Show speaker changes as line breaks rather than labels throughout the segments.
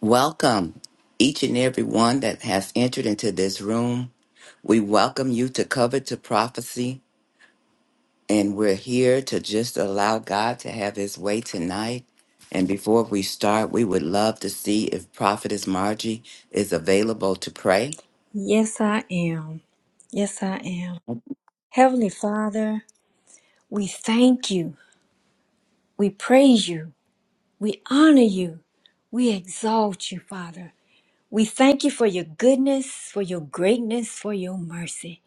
Welcome, each and every one that has entered into this room. We welcome you to Cover to Prophecy, and we're here to just allow God to have his way tonight. And before we start, we would love to see if Prophetess Margie is available to pray.
Yes, I am. Yes, I am. Heavenly Father, we thank you. We praise you. We honor you. We exalt you, Father. We thank you for your goodness, for your greatness, for your mercy.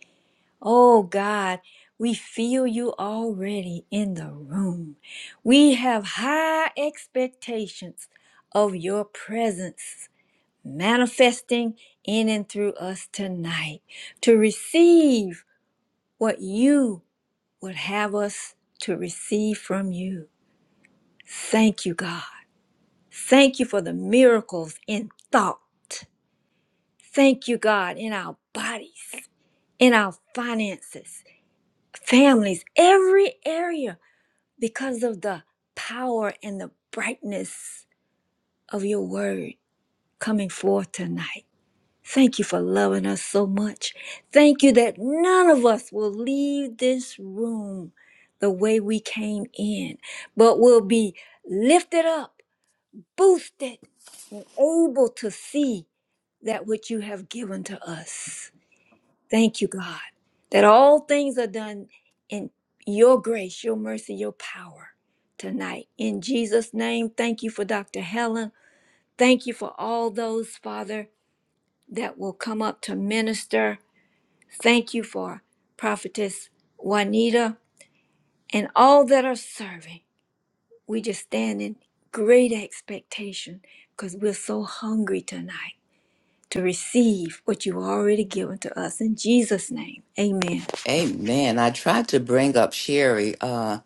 Oh God, we feel you already in the room. We have high expectations of your presence manifesting in and through us tonight to receive what you would have us to receive from you. Thank you, God. Thank you for the miracles in thought. Thank you, God, in our bodies, in our finances, families, every area, because of the power and the brightness of your word coming forth tonight. Thank you for loving us so much. Thank you that none of us will leave this room the way we came in, but will be lifted up, boosted, and able to see that which you have given to us. Thank you, God, that all things are done in your grace, your mercy, your power tonight. In Jesus' name, thank you for Dr. Helen. Thank you for all those, Father that will come up to minister. Thank you for Prophetess Juanita and all that are serving. We just stand in great expectation because we're so hungry tonight to receive what you've already given to us in Jesus' name. Amen.
Amen. I tried to bring up Sherry, uh,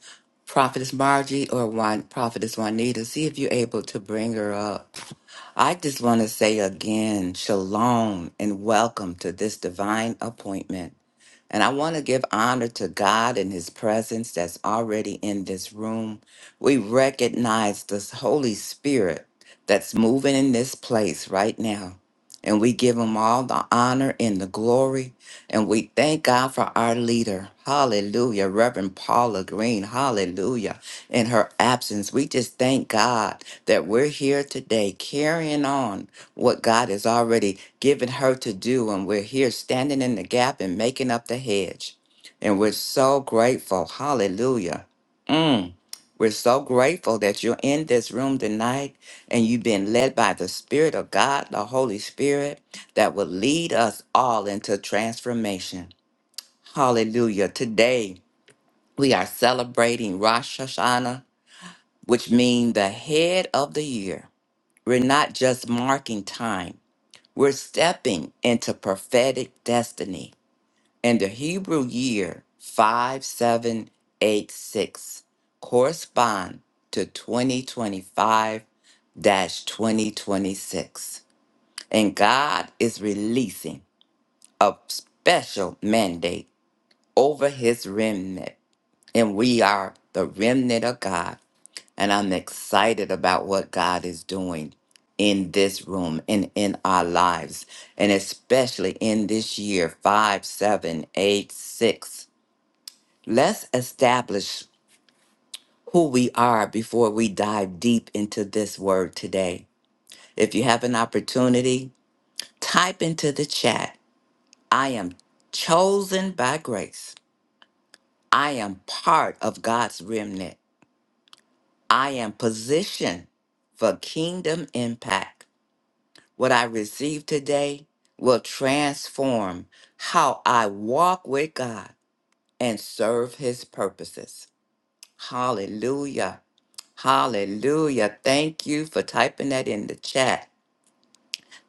Prophetess Margie, or Juan, Prophetess Juanita, see if you're able to bring her up. I just want to say again, shalom and welcome to this divine appointment. And I want to give honor to God and his presence that's already in this room. We recognize this Holy Spirit that's moving in this place right now. And we give him all the honor and the glory and we thank God for our leader. Hallelujah. Reverend Paula Green. Hallelujah. In her absence, we just thank God that we're here today carrying on what God has already given her to do. And we're here standing in the gap and making up the hedge. And we're so grateful. Hallelujah. Mm. We're so grateful that you're in this room tonight and you've been led by the Spirit of God, the Holy Spirit that will lead us all into transformation. Hallelujah. Today, we are celebrating Rosh Hashanah, which means the head of the year. We're not just marking time, we're stepping into prophetic destiny. And the Hebrew year 5786 correspond to 2025 2026. And God is releasing a special mandate over his remnant. And we are the remnant of God. And I'm excited about what God is doing in this room and in our lives, and especially in this year five, seven, eight, six. Let's establish who we are before we dive deep into this word today. If you have an opportunity, type into the chat I am chosen by grace I am part of God's remnant. I am positioned for kingdom impact. What I receive today will transform how I walk with God and serve his purposes. Hallelujah. Hallelujah. Thank you for typing that in the chat.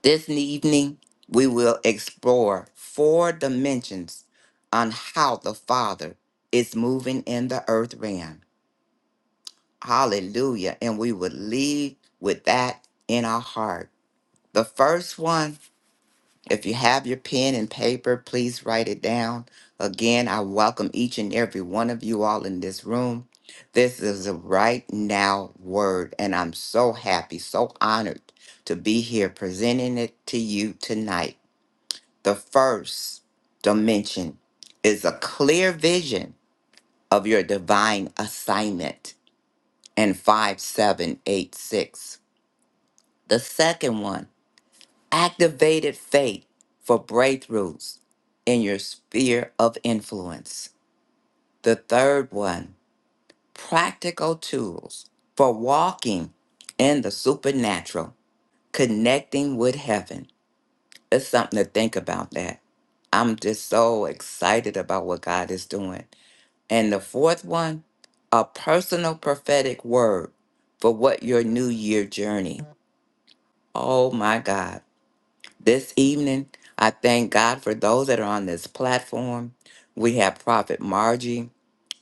This evening, we will explore four dimensions on how the Father is moving in the earth realm. Hallelujah. And we would leave with that in our heart. The first one, if you have your pen and paper, please write it down. Again, I welcome each and every one of you all in this room. This is a right now word, and I'm so happy, so honored to be here presenting it to you tonight. The first dimension is a clear vision of your divine assignment and 5786. The second one, activated faith for breakthroughs in your sphere of influence. The third one, practical tools for walking in the supernatural, connecting with heaven. It's something to think about that. I'm just so excited about what God is doing. And the fourth one, a personal prophetic word for what your new year journey. Oh my God. This evening, I thank God for those that are on this platform. We have Prophet Margie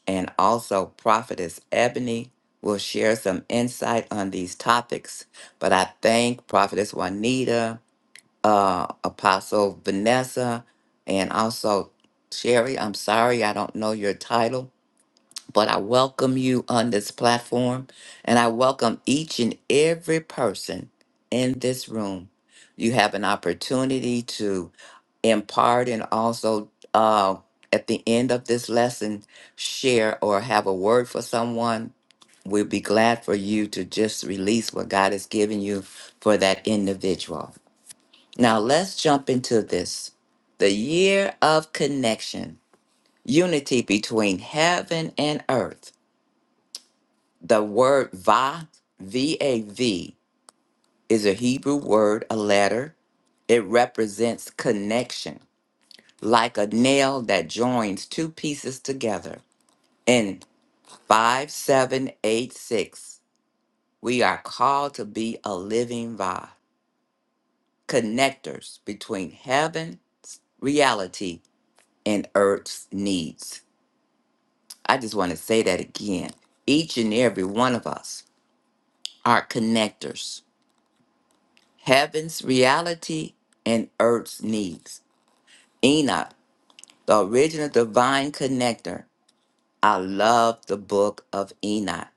and also Prophetess Ebony will share some insight on these topics. But I thank Prophetess Juanita, uh, Apostle Vanessa, and also Sherry. I'm sorry, I don't know your title but I welcome you on this platform and I welcome each and every person in this room. You have an opportunity to impart and also uh, at the end of this lesson, share or have a word for someone. We'll be glad for you to just release what God has given you for that individual. Now, let's jump into this the year of connection, unity between heaven and earth. The word va, V A V, is a Hebrew word, a letter. It represents connection, like a nail that joins two pieces together. In 5786, we are called to be a living va, connectors between heaven's reality and earth's needs. I just want to say that again. Each and every one of us are connectors heaven's reality and earth's needs. Enoch, the original divine connector. I love the book of Enoch.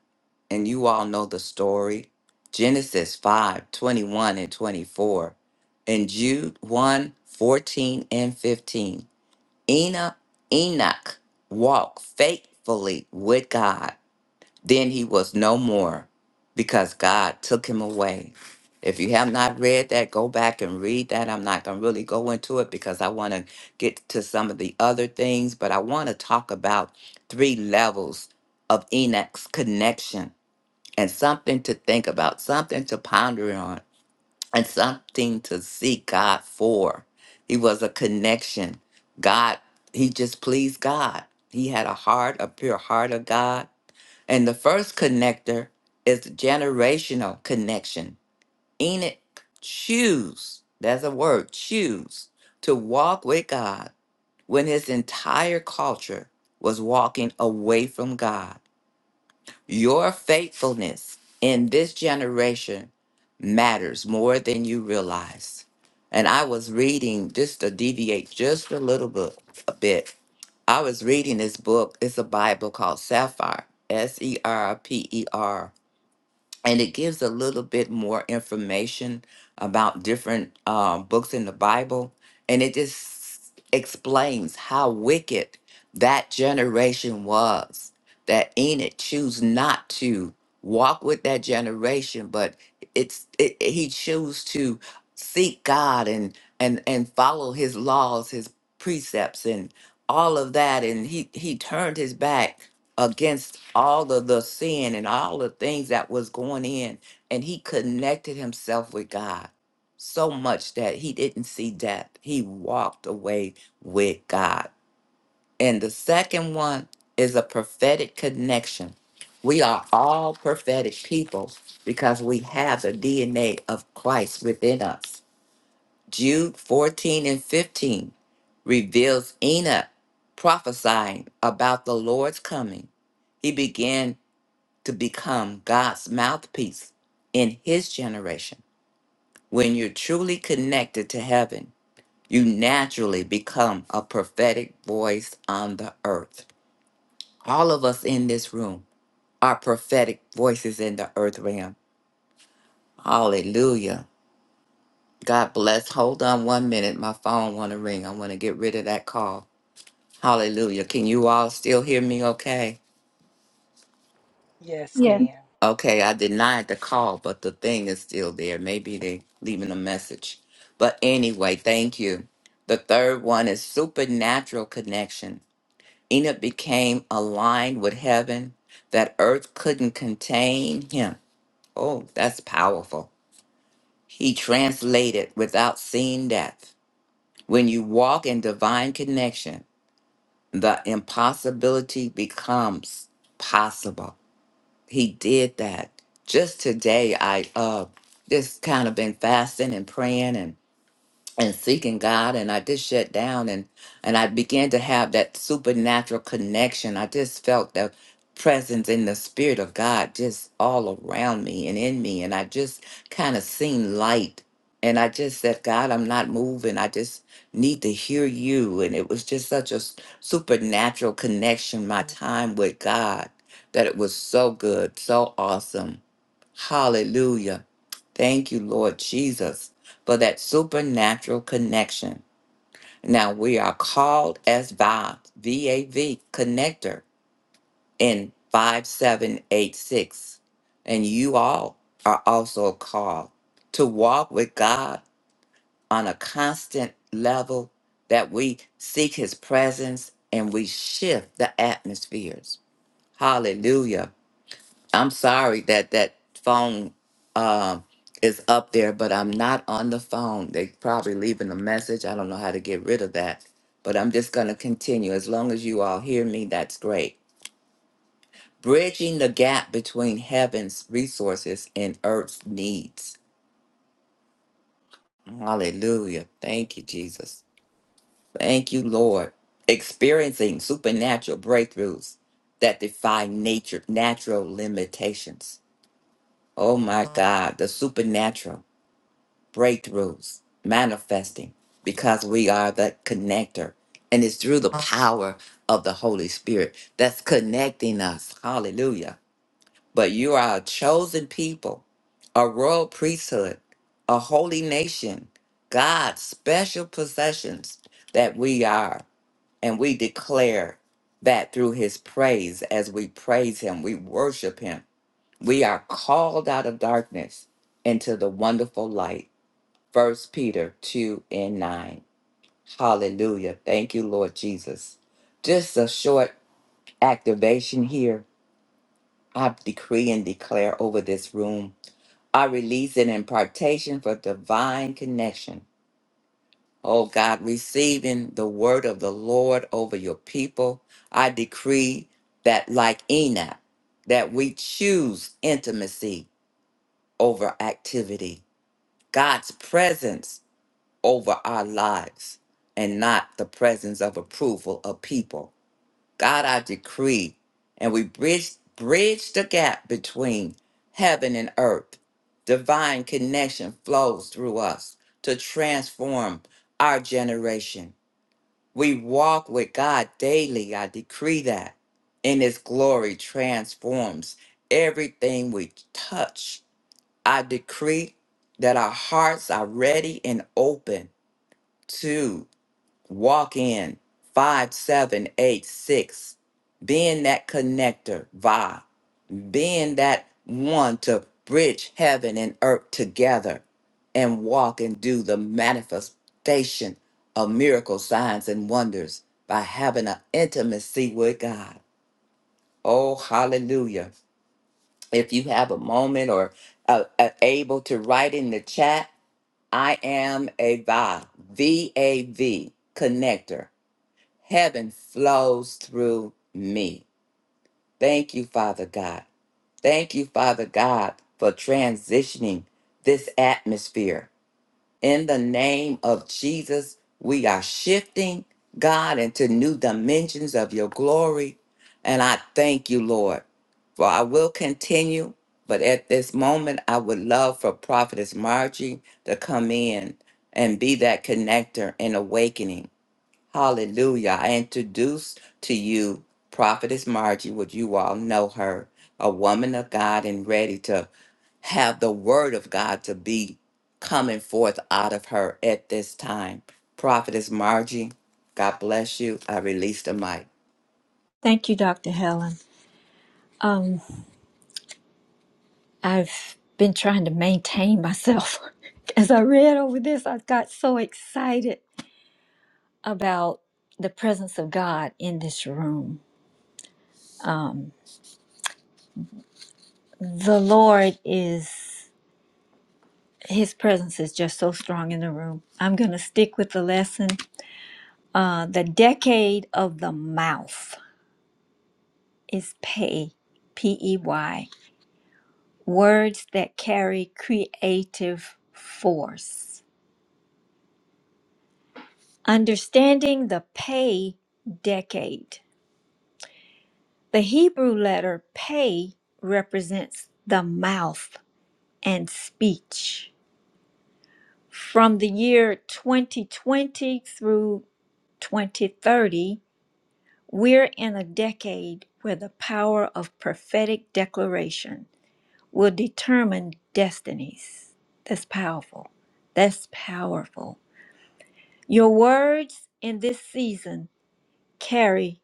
And you all know the story Genesis 5 21 and 24, and Jude one 14 and 15. Enoch, Enoch walked faithfully with God then he was no more because God took him away. If you have not read that, go back and read that. I'm not going to really go into it because I want to get to some of the other things, but I want to talk about three levels of Enoch's connection and something to think about, something to ponder on, and something to seek God for. He was a connection. God, he just pleased God. He had a heart, a pure heart of God and the first connector is the generational connection. Enoch choose, that's a word, choose to walk with God when his entire culture was walking away from God. Your faithfulness in this generation matters more than you realize. And I was reading just to deviate just a little bit a bit. I was reading this book. It's a Bible called Sapphire, S E R P E R and it gives a little bit more information about different uh, books in the Bible, and it just explains how wicked that generation was. That Enoch chose not to walk with that generation, but it's it, it- he chose to seek God and and and follow His laws, His precepts, and all of that, and he he turned his back against all of the sin and all the things that was going in and he connected himself with god so much that he didn't see death he walked away with god and the second one is a prophetic connection we are all prophetic people because we have the dna of christ within us jude 14 and 15 reveals enoch prophesying about the lord's coming he began to become God's mouthpiece in his generation. When you're truly connected to heaven, you naturally become a prophetic voice on the earth. All of us in this room are prophetic voices in the earth realm. Hallelujah. God bless. Hold on one minute. My phone want to ring. I want to get rid of that call. Hallelujah. Can you all still hear me okay?
Yes,
Yes.
ma'am.
Okay, I denied the call, but the thing is still there. Maybe they leaving a message. But anyway, thank you. The third one is supernatural connection. Enoch became aligned with heaven that earth couldn't contain him. Oh, that's powerful. He translated without seeing death. When you walk in divine connection, the impossibility becomes possible. he did that. Just today, I uh, just kind of been fasting and praying, and and seeking God and I just shut down and and I began to have that supernatural connection. I just felt the presence in the spirit of God just all around me and in me and I just kind of seen light and I just said, God, I'm not moving. I just need to hear you. And it was just such a s- supernatural connection, my time with God, that it was so good, so awesome. Hallelujah. Thank you, Lord Jesus, for that supernatural connection. Now we are called as VAV, connector in 5786. And you all are also called to walk with God on a constant level that we seek his presence and we shift the atmospheres. Hallelujah. I'm sorry that that phone um is up there, but I'm not on the phone. They probably leaving a message. I don't know how to get rid of that, but I'm just going to continue. As long as you all hear me, that's great. Bridging the gap between heaven's resources and earth's needs. Hallelujah. Thank you, Jesus. Thank you, Lord. Experiencing supernatural breakthroughs that defy nature, natural limitations. Oh my God, the supernatural. breakthroughs manifesting because we are the connector. And it's through the power of the Holy Spirit that's connecting us. Hallelujah. But you are a chosen people, a royal priesthood, a holy nation, God's special possessions that we are. And we declare that through his praise, as we praise him, we worship him. We are called out of darkness into the wonderful light First Peter 2 and 9. Hallelujah. Thank you, Lord Jesus. Just a short activation here. I decree and declare over this room. I release an impartation for divine connection. Oh God, receiving the word of the Lord over your people. I decree that, like Enoch, that we choose intimacy over activity. God's presence over our lives and not the presence of approval of people. God, I decree, and we bridge, bridge the gap between heaven and earth. Divine connection flows through us to transform our generation. We walk with God daily. I decree that. And His glory transforms everything we touch. I decree that our hearts are ready and open Walk in 5786. Being that connector, Va, Being that one to bridge heaven and earth together and walk and do the manifestation of miracle signs and wonders by having an intimacy with God. Oh, hallelujah. If you have a moment or uh, uh, able to write in the chat, I am a VAV, V V A V connector. Heaven flows through me. Thank you, Father God. Thank you, Father God, for transitioning this atmosphere. In the name of Jesus, we are shifting, God, into new dimensions of your glory. And I thank you, Lord, for I will continue. But at this moment, I would love for Prophetess Margie to come in and be that connector and awakening Hallelujah. I introduce to you Prophetess Margie, which you all know her, a woman of God and ready to have the word of God to be coming forth out of her at this time. Prophetess Margie, God bless you. I release the mic.
Thank you, Dr. Helen. Um, I've been trying to maintain myself. As I read over this, I got so excited about the presence of God in this room. Um, The Lord is, His presence is just so strong in the room. I'm going to stick with the lesson. Uh, the decade of the mouth is pay, P E Y, words that carry creative force. Understanding the pay decade. The Hebrew letter pay represents the mouth and speech. From the year 2020 through 2030, we're in a decade where the power of prophetic declaration will determine destinies. That's powerful. That's powerful. Your words in this season carry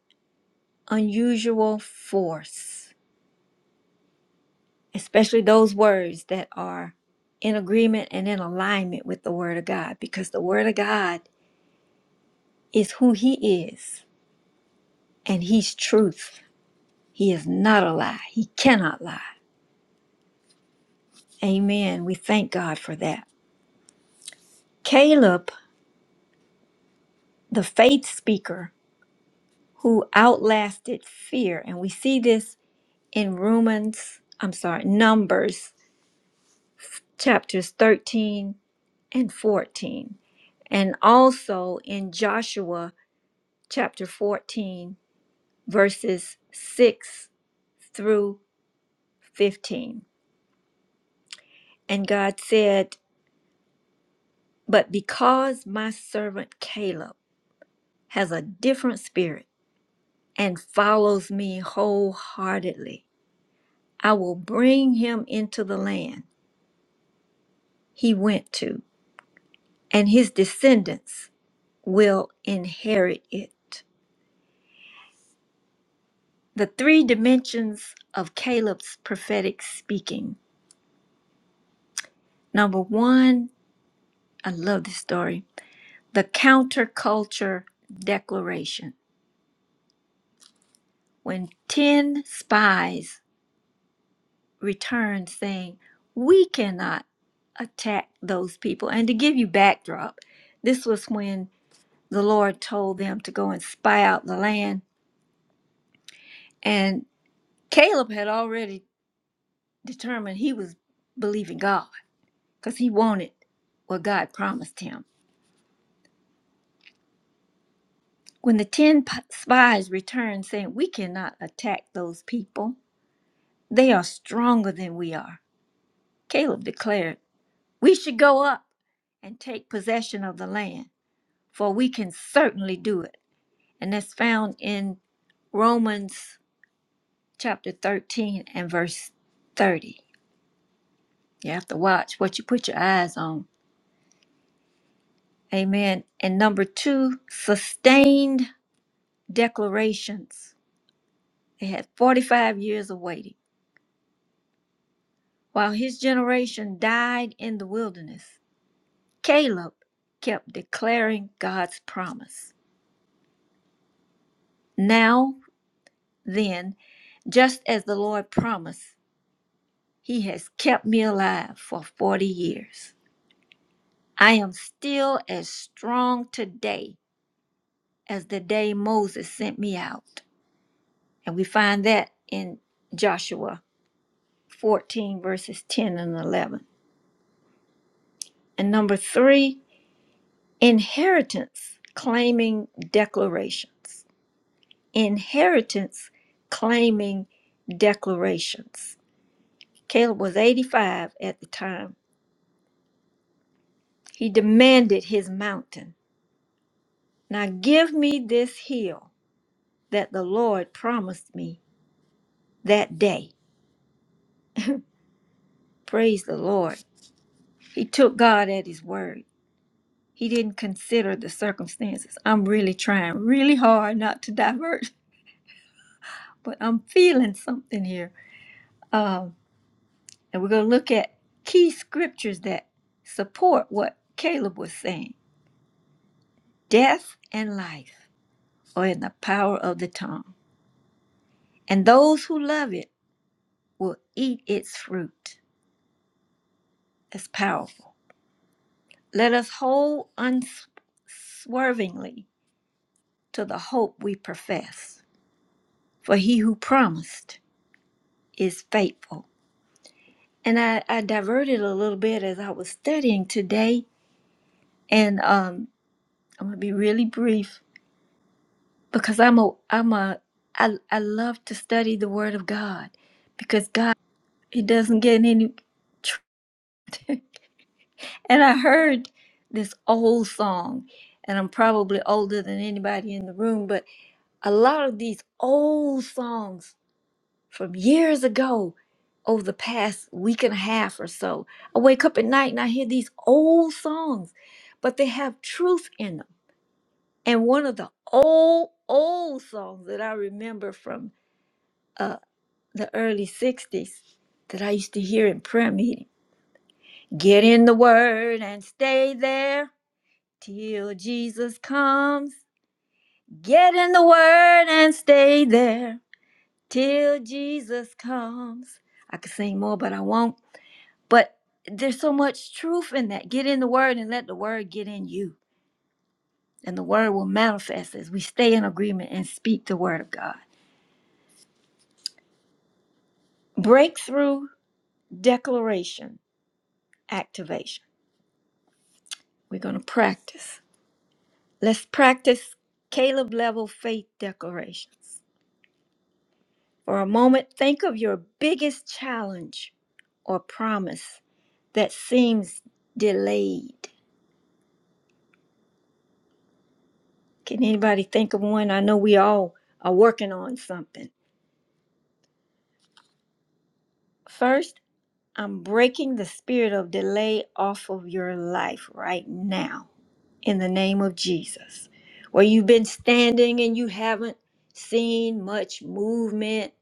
unusual force, especially those words that are in agreement and in alignment with the Word of God, because the Word of God is who He is and he's truth. He is not a lie. He cannot lie. Amen. We thank God for that. Caleb, the faith speaker who outlasted fear, and we see this in Romans, I'm sorry, Numbers chapters 13 and 14, and also in Joshua chapter 14, verses 6 through 15. And God said, But because my servant Caleb has a different spirit and follows me wholeheartedly, I will bring him into the land he went to, and his descendants will inherit it. The three dimensions of Caleb's prophetic speaking. Number one, I love this story the counterculture declaration. When 10 spies returned saying, We cannot attack those people. And to give you backdrop, this was when the Lord told them to go and spy out the land. And Caleb had already determined he was believing God because he wanted what God promised him. When the 10 p- spies returned saying, We cannot attack those people, they are stronger than we are, Caleb declared, We should go up and take possession of the land. for we can certainly do it. And that's found in Romans chapter 13 and verse 30. You have to watch what you put your eyes on. Amen. And number two, sustained declarations. They had 45 years of waiting. While his generation died in the wilderness, Caleb kept declaring God's promise. Now, then, just as the Lord promised. He has kept me alive for 40 years. I am still as strong today as the day Moses sent me out. And we find that in Joshua 14, verses 10 and 11. And number three, inheritance claiming declarations. Inheritance claiming declarations. Caleb was 85 at the time. He demanded his mountain. Now give me this hill that the Lord promised me that day. Praise the Lord. He took God at his word. He didn't consider the circumstances. I'm really trying really hard not to divert, but I'm feeling something here. Um, and we're going to look at key scriptures that support what Caleb was saying death and life are in the power of the tongue, and those who love it will eat its fruit. That's powerful. Let us hold unswervingly to the hope we profess, for he who promised is faithful. And I, I diverted a little bit as I was studying today, and um, I'm gonna be really brief because I'm a I'm a I, I love to study the Word of God because God He doesn't get any. and I heard this old song, and I'm probably older than anybody in the room, but a lot of these old songs from years ago over the past week and a half or so. I wake up at night and I hear these old songs, but they have truth in them. And one of the old, old songs that I remember from uh, the early 60s that I used to hear in prayer meeting Get in the Word and stay there till Jesus comes. Get in the Word and stay there till Jesus comes. I could sing more, but I won't. But there's so much truth in that. Get in the word and let the word get in you. And the word will manifest as we stay in agreement and speak the word of God. Breakthrough declaration activation. We're going to practice. Let's practice Caleb level faith declarations. For a moment, think of your biggest challenge or promise that seems delayed Can anybody think of one? I know we all are working on something. First, I'm breaking the spirit of delay off of your life right now in the name of Jesus. Where you've been standing and you haven't seen much movement,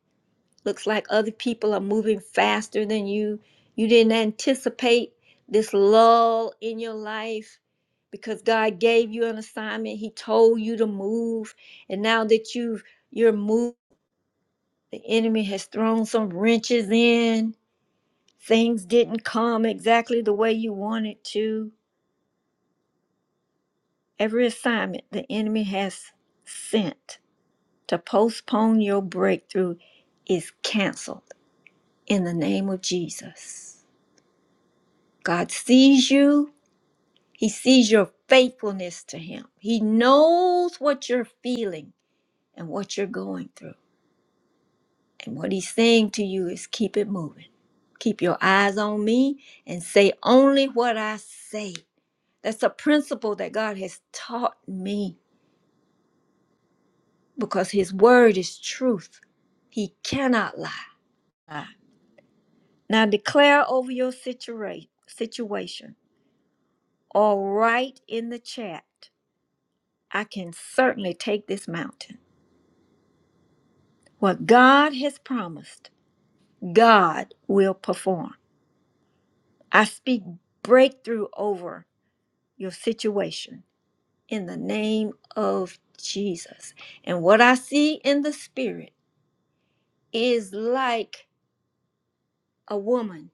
looks like other people are moving faster than you. You didn't anticipate this lull in your life because God gave you an assignment. He told you to move. And now that you've you're moving The enemy has thrown some wrenches in. Things didn't come exactly the way you wanted to. Every assignment the enemy has sent to postpone your breakthrough is canceled in the name of Jesus. God sees you. He sees your faithfulness to him. He knows what you're feeling and what you're going through. And what he's saying to you is keep it moving. Keep your eyes on me and say only what I say. That's a principle that God has taught me because his word is truth. He cannot lie. Ah. Now declare over your situa- situation or write in the chat. I can certainly take this mountain. What God has promised, God will perform. I speak breakthrough over. your situation in the name of Jesus. And what I see in the spirit is like a woman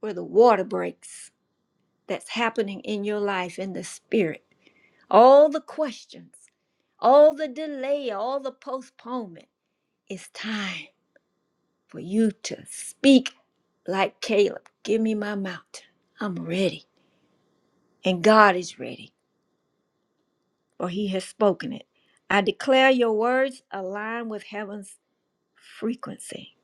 where the water breaks that's happening in your life in the spirit. All the questions, all the delay, all the postponement. It's time for you to speak like Caleb. Give me my mountain. I'm ready. And God is ready, for he has spoken it. I declare your words align with heaven's frequency.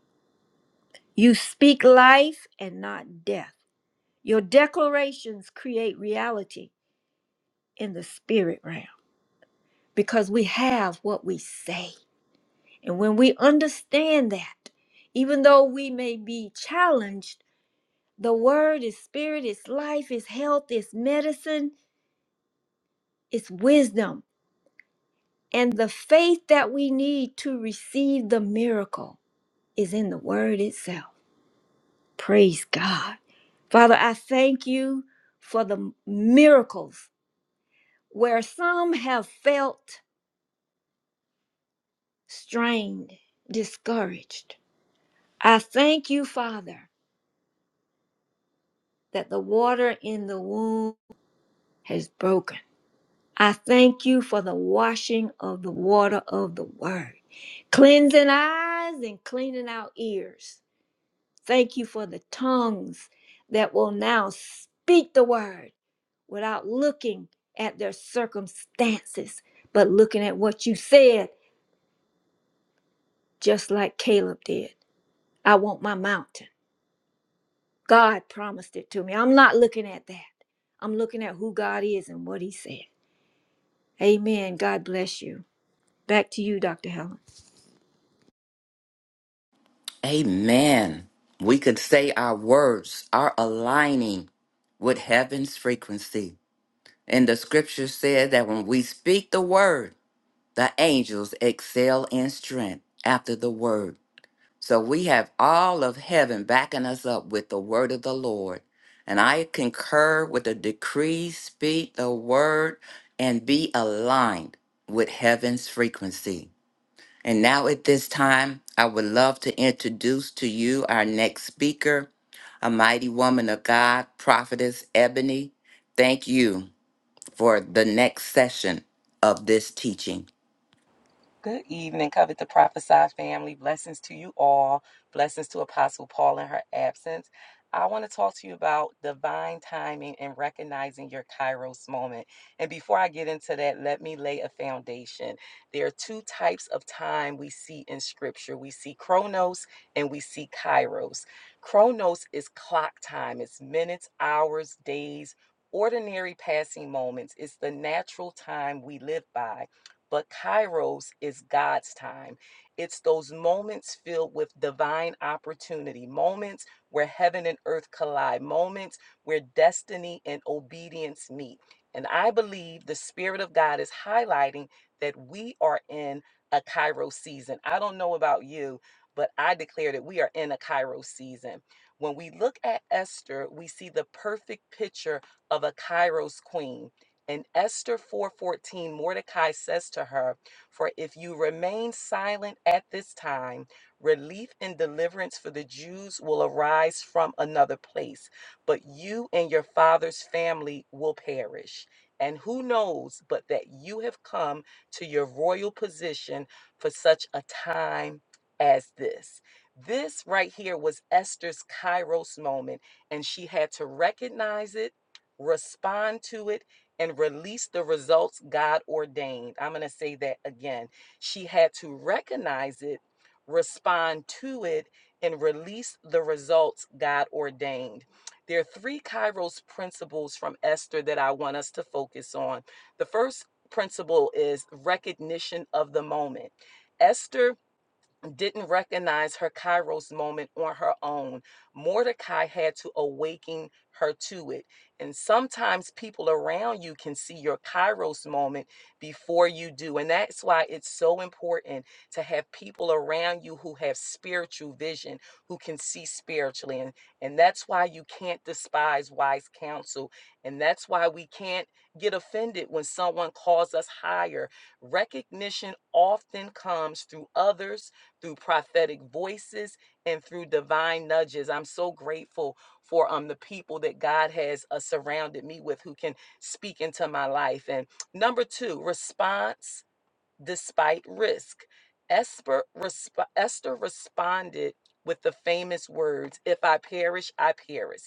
You speak life and not death. Your declarations create reality in the spirit realm because we have what we say. And when we understand that, even though we may be challenged, the word is spirit, it's life, it's health, it's medicine, it's wisdom. And the faith that we need to receive the miracle is in the word itself. Praise God. Father, I thank you for the miracles where some have felt strained, discouraged. I thank you, Father, that the water in the womb has broken. I thank you for the washing of the water of the word, cleansing eyes and cleaning out ears. Thank you for the tongues that will now speak the word without looking at their circumstances, but looking at what you said, just like Caleb did. I want my mountain. God promised it to me. I'm not looking at that. I'm looking at who God is and what He said. Amen. God bless you. Back to you, Dr. Helen.
Amen. We could say our words are aligning with heaven's frequency. And the scripture said that when we speak the word, The angels excel in strength after the word. So we have all of heaven backing us up with the word of the Lord. And I concur with the decree, speak the word, and be aligned with heaven's frequency. And now at this time, I would love to introduce to you our next speaker, a mighty woman of God, prophetess Ebony. Thank you for the next session of this teaching.
Good evening, Covet the Prophesied family. Blessings to you all. Blessings to Apostle Paul in her absence. I want to talk to you about divine timing and recognizing your kairos moment. And before I get into that, let me lay a foundation. There are two types of time we see in scripture we see chronos and we see kairos. Chronos is clock time, it's minutes, hours, days, ordinary passing moments. It's the natural time we live by But Kairos is God's time. It's those moments filled with divine opportunity, moments where heaven and earth collide, moments where destiny and obedience meet. And I believe the Spirit of God is highlighting that we are in a Kairos season. I don't know about you, but I declare that we are in a Kairos season. When we look at Esther, we see the perfect picture of a Kairos queen. In Esther 4:14, Mordecai says to her, "For if you remain silent at this time, relief and deliverance for the Jews will arise from another place, but you and your father's family will perish. And who knows but that you have come to your royal position for such a time as this." This right here was Esther's Kairos moment, and she had to recognize it, respond to it, and release the results God ordained. I'm going to say that again. She had to recognize it, respond to it, and release the results God ordained. There are three Kairos principles from Esther that I want us to focus on. The first principle is recognition of the moment. Esther didn't recognize her Kairos moment on her own. Mordecai had to awaken her to it. And sometimes people around you can see your Kairos moment before you do. And that's why it's so important to have people around you who have spiritual vision, who can see spiritually. And, and that's why you can't despise wise counsel. And that's why we can't get offended when someone calls us higher. Recognition often comes through others through prophetic voices and through divine nudges. I'm so grateful for um the people that God has uh, surrounded me with who can speak into my life. And number 2, response despite risk. Esper, resp- Esther responded with the famous words, If I perish, I perish.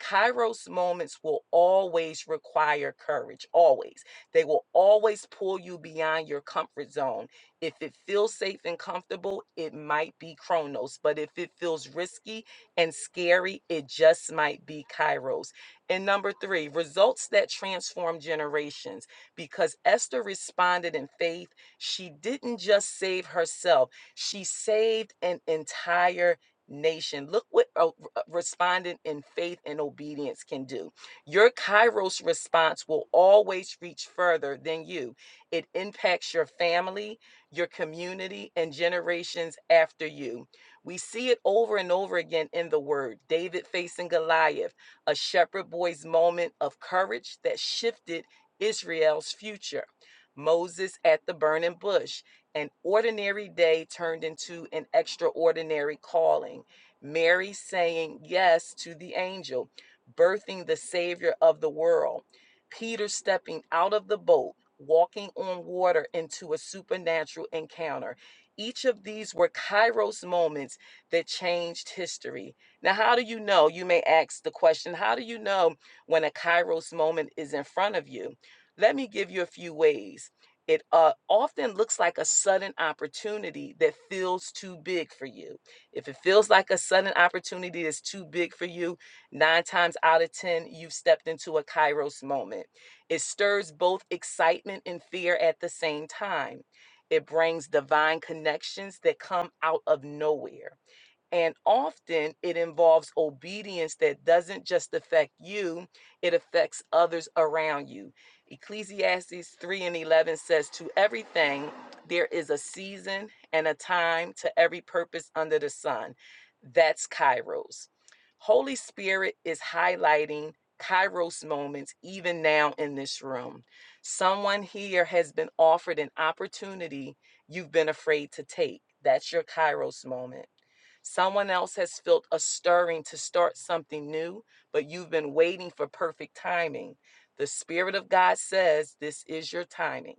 Kairos moments will always require courage, always. They will always pull you beyond your comfort zone. If it feels safe and comfortable, it might be Chronos, but if it feels risky and scary, it just might be Kairos. And number three, results that transform generations because Esther responded in faith she didn't just save herself, she saved an entire nation. Look what a- responding in faith and obedience can do. Your Kairos response will always reach further than you, it impacts your family, your community, and generations after you. We see it over and over again in the word David facing Goliath, a shepherd boy's moment of courage that shifted Israel's future. Moses at the burning bush. An ordinary day turned into an extraordinary calling. Mary saying yes to the angel, birthing the Savior of the world. Peter stepping out of the boat, walking on water into a supernatural encounter. Each of these were Kairos moments that changed history. Now, how do you know? You may ask the question how do you know when a Kairos moment is in front of you? Let me give you a few ways. It uh, often looks like a sudden opportunity that feels too big for you. If it feels like a sudden opportunity that's too big for you, nine times out of 10, you've stepped into a kairos moment. It stirs both excitement and fear at the same time. It brings divine connections that come out of nowhere and often it involves obedience that doesn't just affect you, it affects others around you. Ecclesiastes 3 and 11 says, To everything there is a season and a time to every purpose under the sun. That's Kairos. Holy Spirit is highlighting Kairos moments even now in this room. Someone here has been offered an opportunity you've been afraid to take. That's your Kairos moment Someone else has felt a stirring to start something new, but you've been waiting for perfect timing. The Spirit of God says this is your timing.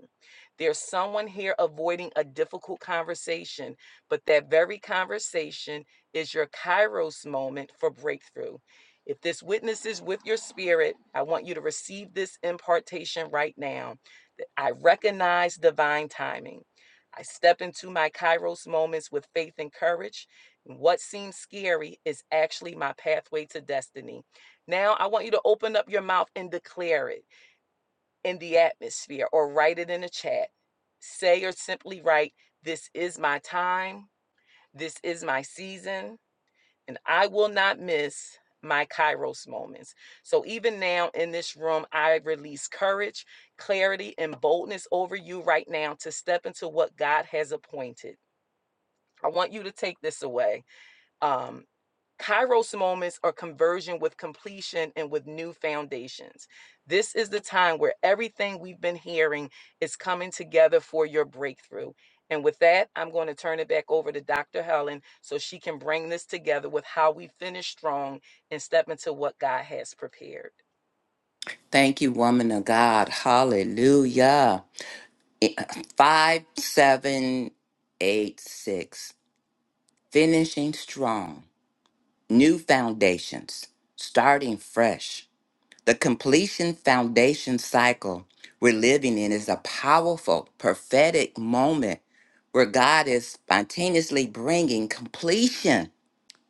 There's someone here avoiding a difficult conversation, but that very conversation is your Kairos moment for breakthrough. If this witnesses with your spirit, I want you to receive this impartation right now. that I recognize divine timing. I step into my Kairos moments with faith and courage what seems scary is actually my pathway to destiny. Now I want you to open up your mouth and declare it in the atmosphere or write it in the chat. Say or simply write, This is my time, this is my season, and I will not miss my Kairos moments. So even now in this room, I release courage, clarity, and boldness over you right now to step into what God has appointed. I want you to take this away. Um, Kairos moments are conversion with completion and with new foundations. This is the time where everything we've been hearing is coming together for your breakthrough. And with that, I'm going to turn it back over to Dr. Helen so she can bring this together with how we finish strong and step into what God has prepared.
Thank you, woman of God. Hallelujah. I- 5786. Finishing strong. New foundations. Starting fresh. The completion foundation cycle we're living in is a powerful prophetic moment where God is spontaneously bringing completion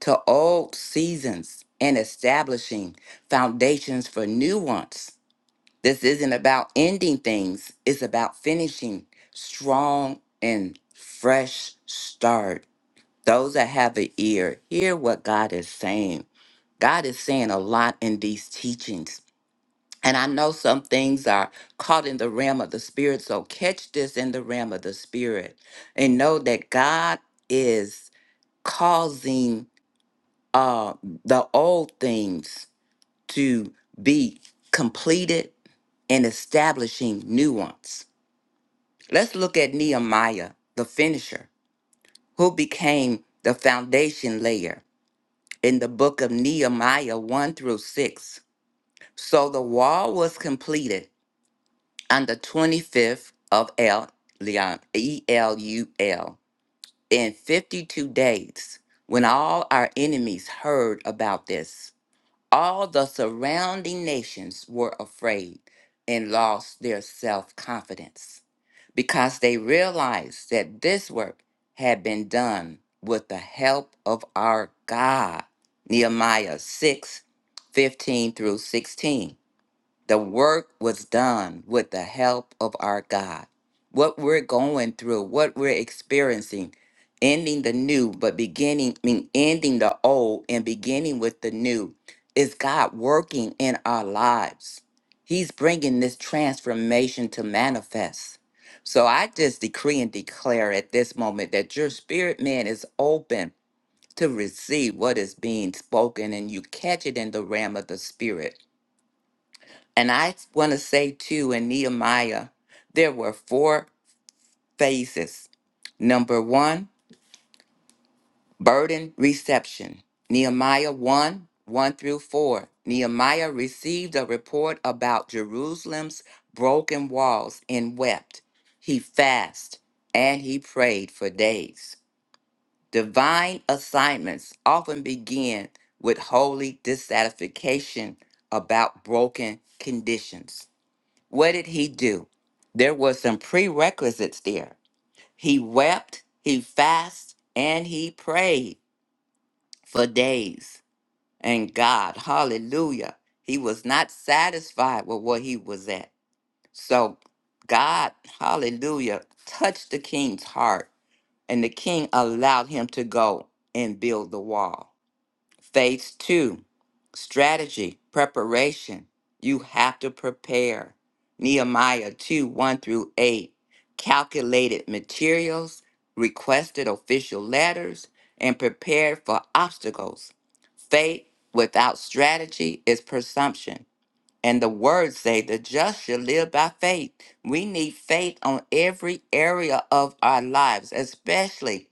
to old seasons and establishing foundations for new ones. This isn't about ending things, it's about finishing strong and fresh start. Those that have an ear, hear what God is saying. God is saying a lot in these teachings. And I know some things are caught in the realm of the spirit. So catch this in the realm of the spirit and know that God is causing uh, the old things to be completed and establishing nuance. Let's look at Nehemiah, the finisher, who became the foundation layer in the book of Nehemiah 1 through 6. So the wall was completed on the 25th of El Leon, E L U L, in 52 days when all our enemies heard about this. All the surrounding nations were afraid and lost their self confidence because they realized that this work had been done with the help of our God. Nehemiah 6, 15 through 16. The work was done with the help of our God. What we're going through, what we're experiencing, ending the new, but beginning, I mean, ending the old and beginning with the new, is God working in our lives. He's bringing this transformation to manifest. So I just decree and declare at this moment that your spirit man is open to receive what is being spoken and you catch it in the realm of the spirit and I want to say too, in Nehemiah, there were four phases. Number one, burden reception. Nehemiah 1 1 through 4. Nehemiah received a report about Jerusalem's broken walls and wept. He fasted and he prayed for days. Divine assignments often begin with holy dissatisfaction about broken conditions. What did he do? There were some prerequisites there. He wept, he fasted, and he prayed for days. And God, hallelujah, he was not satisfied with what he was at. So God, hallelujah, touched the king's heart, and the king allowed him to go and build the wall. Phase two, strategy, preparation. You have to prepare. Nehemiah 2 1 through 8. Calculated materials, requested official letters, and prepared for obstacles. Faith without strategy is presumption. And the words say the just shall live by faith. We need faith on every area of our lives, especially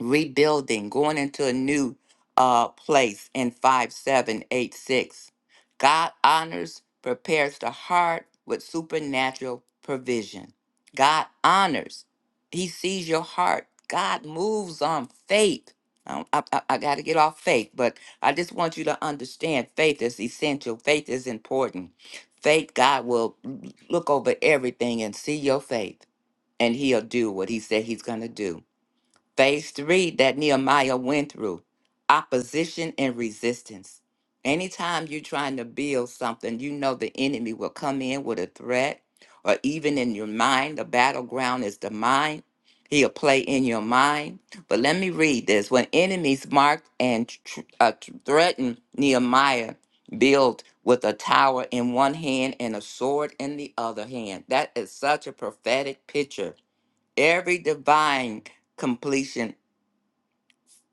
rebuilding, going into a new uh, place in 5786. God honors, prepares the heart with supernatural provision. God honors, He sees your heart. God moves on faith. I, got to get off faith, but I just want you to understand faith is essential. Faith is important. Faith, God will look over everything and see your faith, and He'll do what He said He's going to do. Phase three that Nehemiah went through opposition and resistance. Anytime you're trying to build something, you know the enemy will come in with a threat, or even in your mind, the battleground is the mind. He'll play in your mind. But let me read this. When enemies marked and tr- uh, tr- threatened Nehemiah, built with a tower in one hand and a sword in the other hand. That is such a prophetic picture. Every divine completion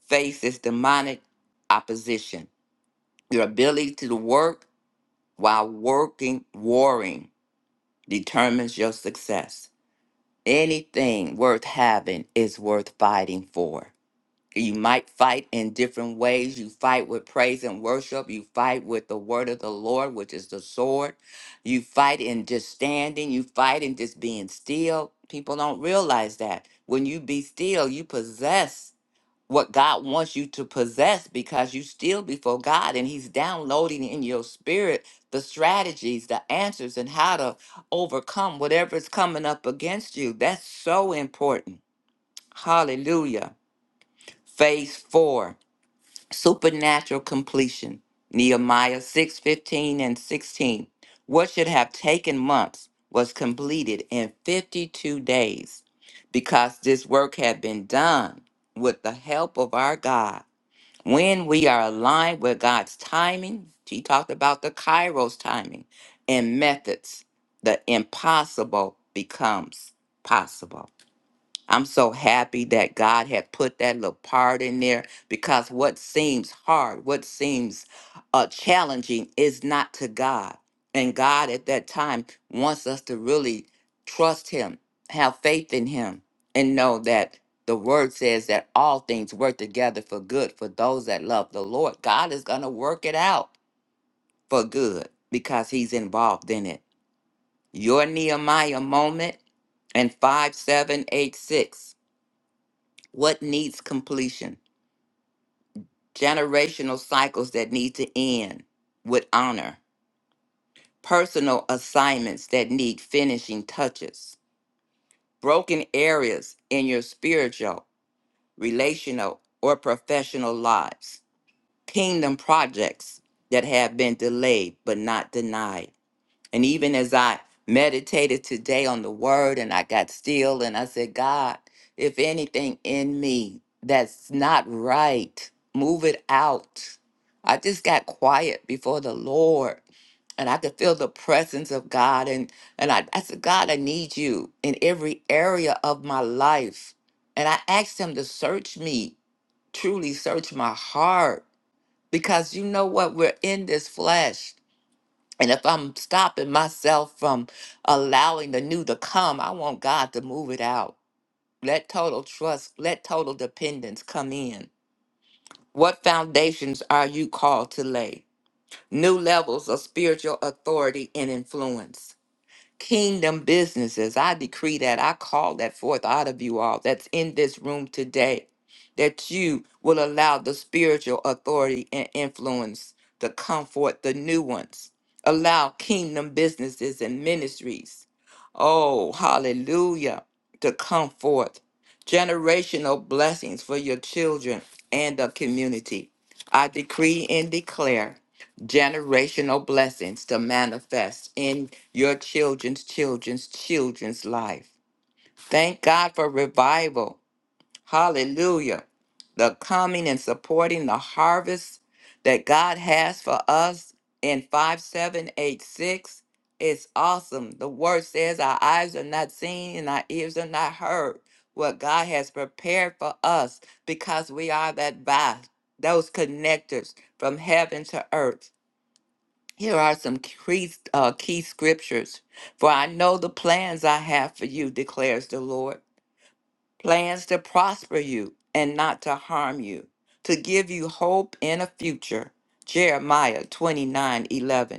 faces demonic opposition. Your ability to work while working, warring determines your success. Anything worth having is worth fighting for. You might fight in different ways. You fight with praise and worship. You fight with the word of the Lord, which is the sword. You fight in just standing. You fight in just being still. People don't realize that. When you be still, you possess what God wants you to possess because you still before God and he's downloading in your spirit the strategies, the answers and how to overcome whatever is coming up against you. That's so important. Hallelujah. Phase 4, supernatural completion. Nehemiah 6:15 and 16. What should have taken months was completed in 52 days because this work had been done with the help of our God when we are aligned with God's timing, he talked about the Kairos timing and methods, the impossible becomes possible. I'm so happy that God had put that little part in there because what seems hard, what seems uh, challenging is not to God. And God at that time wants us to really trust Him, have faith in Him, and know that the word says that all things work together for good for those that love the Lord. God is going to work it out for good because He's involved in it. Your Nehemiah moment and 5786 what needs completion? Generational cycles that need to end with honor, personal assignments that need finishing touches, broken areas in your spiritual, relational, or professional lives, kingdom projects that have been delayed but not denied And even as I meditated today on the word and I got still and I said, God, if anything in me that's not right, move it out. I just got quiet before the Lord and I could feel the presence of God. And, and I, I said, God, I need you in every area of my life. And I asked him to search me, truly search my heart, because you know what? We're in this flesh and if I'm stopping myself from allowing the new to come, I want God to move it out. Let total trust, let total dependence come in. What foundations are you called to lay? New levels of spiritual authority and influence kingdom businesses. I decree that. I call that forth out of you all that's in this room today, that you will allow the spiritual authority and influence to comfort the new ones. Allow kingdom businesses and ministries. Oh, hallelujah, to come forth. Generational blessings for your children and the community. I decree and declare generational blessings to manifest in your children's children's children's life. Thank God for revival. Hallelujah. The coming and supporting the harvest that God has for us in 5786 is awesome. The word says our eyes are not seen and our ears are not heard what God has prepared for us because we are that vast, those connectors from heaven to earth. Here are some key, uh, key scriptures. For I know the plans I have for you, declares the Lord plans to prosper you and not to harm you, to give you hope in a future. Jeremiah 29 11.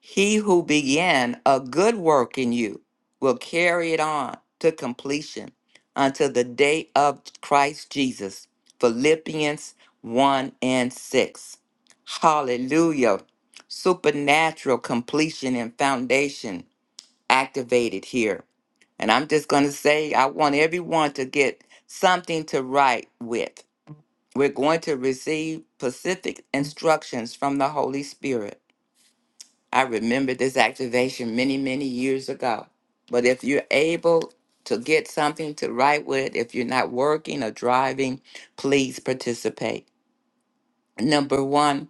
He who began a good work in you will carry it on to completion until the day of Christ Jesus. Philippians 1 and 6. Hallelujah. Supernatural completion and foundation activated here. And I'm just going to say, I want everyone to get something to write with. We're going to receive specific instructions from the Holy Spirit I remember this activation many, many years ago. But if you're able to get something to write with, if you're not working or driving, please participate. Number one,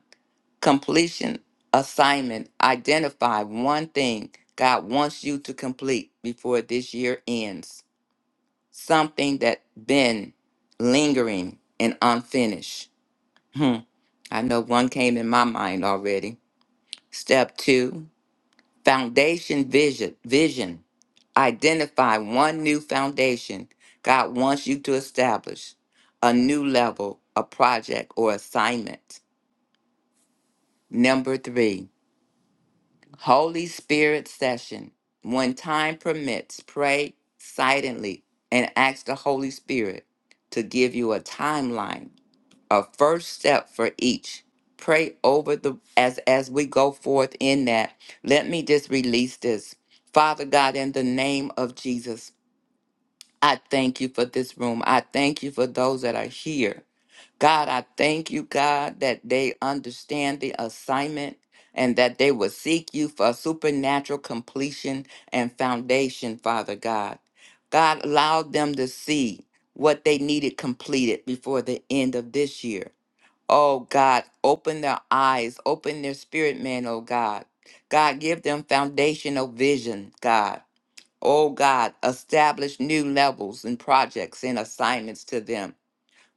completion assignment. Identify one thing God wants you to complete before this year ends. Something that been lingering and unfinished. Hmm. I know one came in my mind already. Step two, foundation vision. Vision. Identify one new foundation God wants you to establish, a new level, a project, or assignment. Number three, Holy Spirit session. When time permits, pray silently and ask the Holy Spirit to give you a timeline, a first step for each. Pray over the as as we go forth in that. Let me just release this. Father God, in the name of Jesus. I thank you for this room. I thank you for those that are here. God, I thank you, God, that they understand the assignment and that they will seek you for supernatural completion and foundation, Father God. God, allow them to see what they needed completed before the end of this year. Oh, God, open their eyes, open their spirit man, oh, God. God, give them foundational vision, God. Oh God, establish new levels and projects and assignments to them.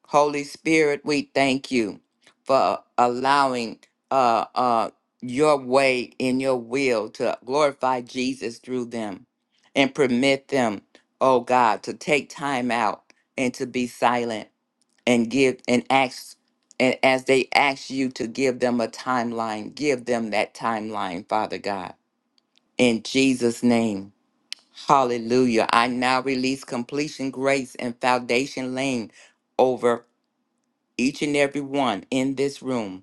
Holy Spirit, we thank you for allowing uh, uh, your way and your will to glorify Jesus through them and permit them, oh God, to take time out and to be silent and give and ask. And as they ask you to give them a timeline, give them that timeline, Father God. In Jesus' name. Hallelujah. I now release completion grace and foundation laying over each and every one in this room.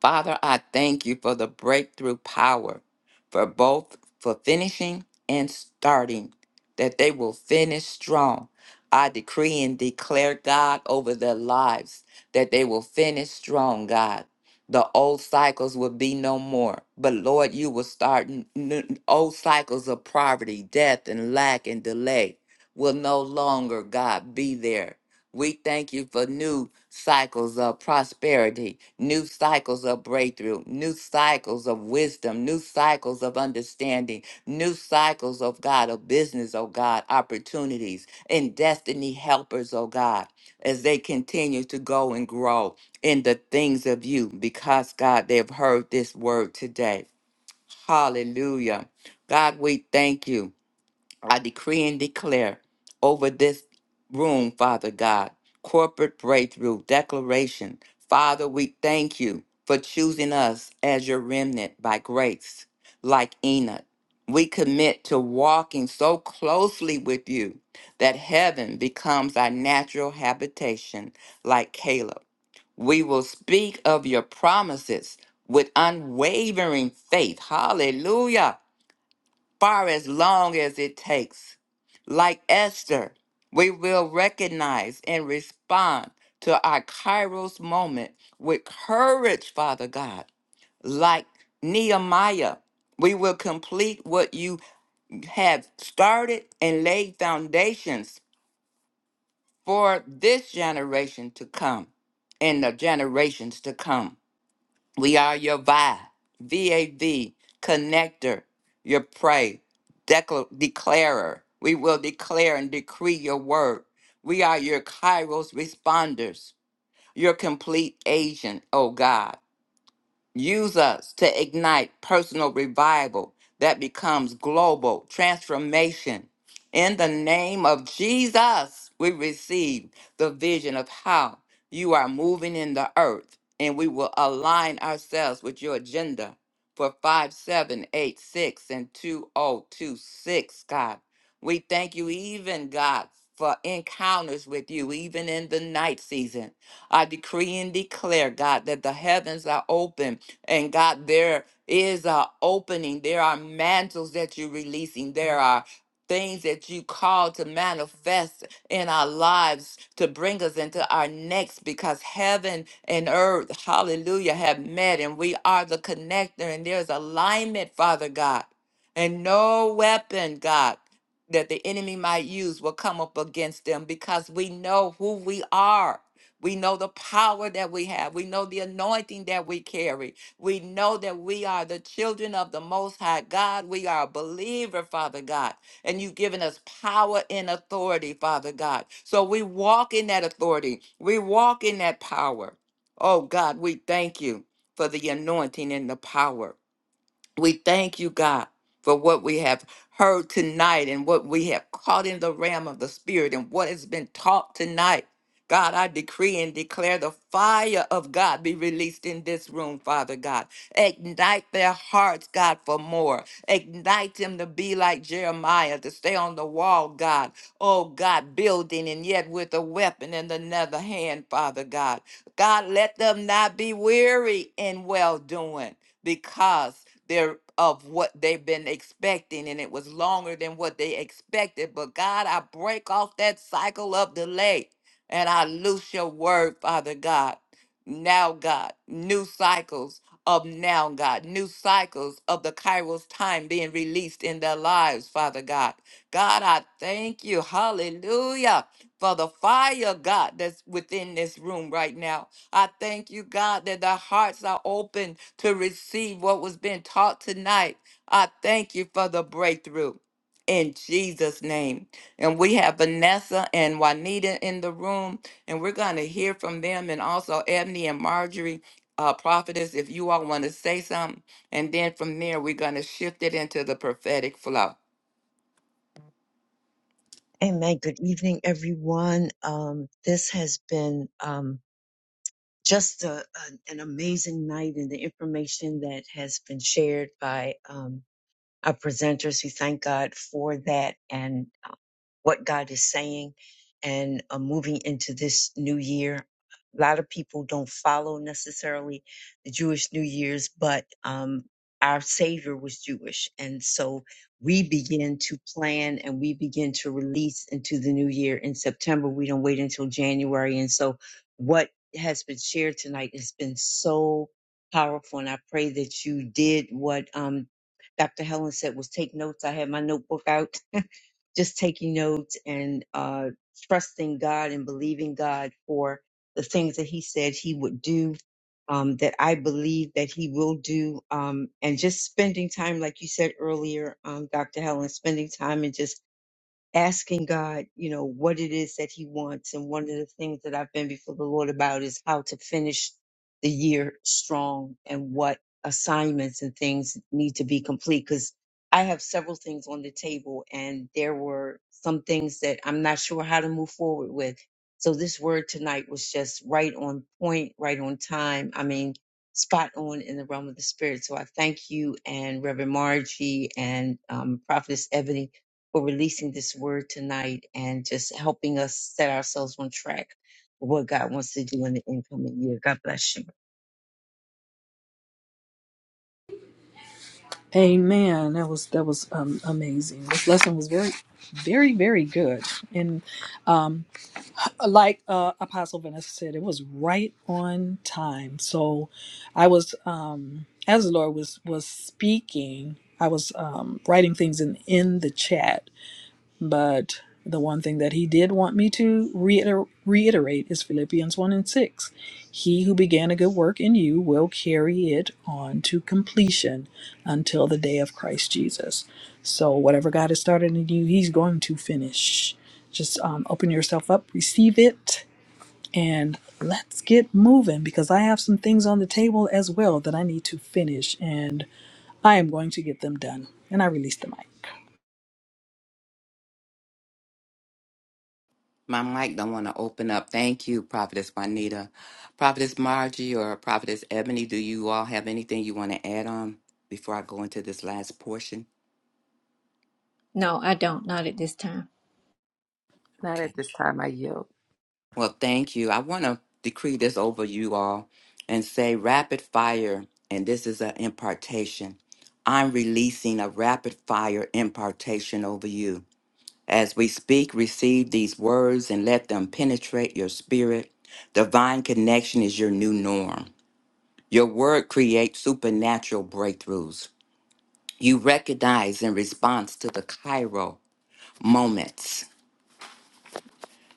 Father, I thank you for the breakthrough power for both for finishing and starting, that they will finish strong. I decree and declare, God, over their lives, that they will finish strong, God. The old cycles will be no more. But Lord, you will start n- n- old cycles of poverty, death, and lack and delay will no longer, God, be there. We thank you for new cycles of prosperity, new cycles of breakthrough, new cycles of wisdom, new cycles of understanding, new cycles of God, of business, oh God, opportunities, and destiny helpers, oh God, as they continue to go and grow in the things of you, because God, they've heard this word today. Hallelujah. God, we thank you. I decree and declare over this room, Father God, corporate breakthrough, declaration. Father, we thank you for choosing us as your remnant by grace, like Enoch. We commit to walking so closely with you that heaven becomes our natural habitation, like Caleb. We will speak of your promises with unwavering faith. Hallelujah far as long as it takes. Like Esther, we will recognize and respond to our Kairos moment with courage, Father God. Like Nehemiah, we will complete what you have started and laid foundations for this generation to come and the generations to come. We are your VI, connector, your pray, decla- declarer. We will declare and decree your word. We are your Kairos responders, your complete agent, oh God. Use us to ignite personal revival that becomes global transformation. In the name of Jesus, we receive the vision of how you are moving in the earth, and we will align ourselves with your agenda for 5786 and 2026, God. We thank you, even God, for encounters with you, even in the night season. I decree and declare, God, that the heavens are open and God, there is a opening. There are mantles that you're releasing. There are things that you call to manifest in our lives to bring us into our next because heaven and earth, hallelujah, have met and we are the connector and there's alignment, Father God. And no weapon, God, that the enemy might use will come up against them because we know who we are. We know the power that we have. We know the anointing that we carry. We know that we are the children of the Most High God. We are a believer, Father God. And you've given us power and authority, Father God. So we walk in that authority, we walk in that power. Oh God, we thank you for the anointing and the power. We thank you, God, for what we have heard tonight and what we have caught in the realm of the Spirit and what has been taught tonight. God, I decree and declare the fire of God be released in this room, Father God. Ignite their hearts, God, for more. Ignite them to be like Jeremiah, to stay on the wall, God. Oh, God, building and yet with a weapon in another hand, Father God. God, let them not be weary in well doing because they're of what they've been expecting and it was longer than what they expected. But God, I break off that cycle of delay and I loose your word, Father God now, God, new cycles of now, God, new cycles of the Kairos time being released in their lives, Father God. God, I thank you, hallelujah, for the fire, God, that's within this room right now. I thank you, God, that their hearts are open to receive what was being taught tonight. I thank you for the breakthrough. In Jesus' name. And we have Vanessa and Juanita in the room and we're going to hear from them and also Ebony and Marjorie, uh, prophetess, if you all want to say something. And then from there, we're going to shift it into the prophetic flow.
Amen. Good evening, everyone. Um, this has been um, just a, an an amazing night, and the information that has been shared by um, our presenters who thank God for that and uh, what God is saying and uh, moving into this new year. A lot of people don't follow necessarily the Jewish New Year's, but um, our Savior was Jewish. And so we begin to plan and we begin to release into the new year in September. We don't wait until January. And so what has been shared tonight has been so powerful. And I pray that you did what um, Dr. Helen said was take notes. I had my notebook out, just taking notes and uh, trusting God and believing God for the things that He said He would do, um, that I believe that He will do, um, and just spending time, like you said earlier, um, Dr. Helen, spending time and just asking God, you know, what it is that He wants. And one of the things that I've been before the Lord about is how to finish the year strong and what assignments and things need to be complete. Because I have several things on the table, and there were some things that I'm not sure how to move forward with. So this word tonight was just right on point, right on time. I mean, spot on in the realm of the spirit. So I thank you and Reverend Margie and um, Prophetess Ebony for releasing this word tonight and just helping us set ourselves on track for what God wants to do in the incoming year. God bless you.
Amen. That was that was um, amazing. This lesson was very, very, very good, and um, like uh, Apostle Vanessa said, it was right on time. So, I was um, as the Lord was was speaking, I was um, writing things in in the chat but the one thing that he did want me to reiter- reiterate is Philippians 1 and 6. He who began a good work in you will carry it on to completion until the day of Christ Jesus. So, whatever God has started in you, he's going to finish. Just um, open yourself up, receive it, and let's get moving because I have some things on the table as well that I need to finish, and I am going to get them done. And I release the mic.
My mic don't want to open up. Thank you, Prophetess Juanita. Prophetess Margie or Prophetess Ebony, do you all have anything you want to add on before I go into this last portion?
No, I don't. Not at this time.
Okay. Well, thank you. I want to decree this over you all and say rapid fire, and this is an impartation. I'm releasing a rapid fire impartation over you. As we speak, receive these words and let them penetrate your spirit. Divine connection is your new norm. Your word creates supernatural breakthroughs. You recognize in response to the Cairo moments.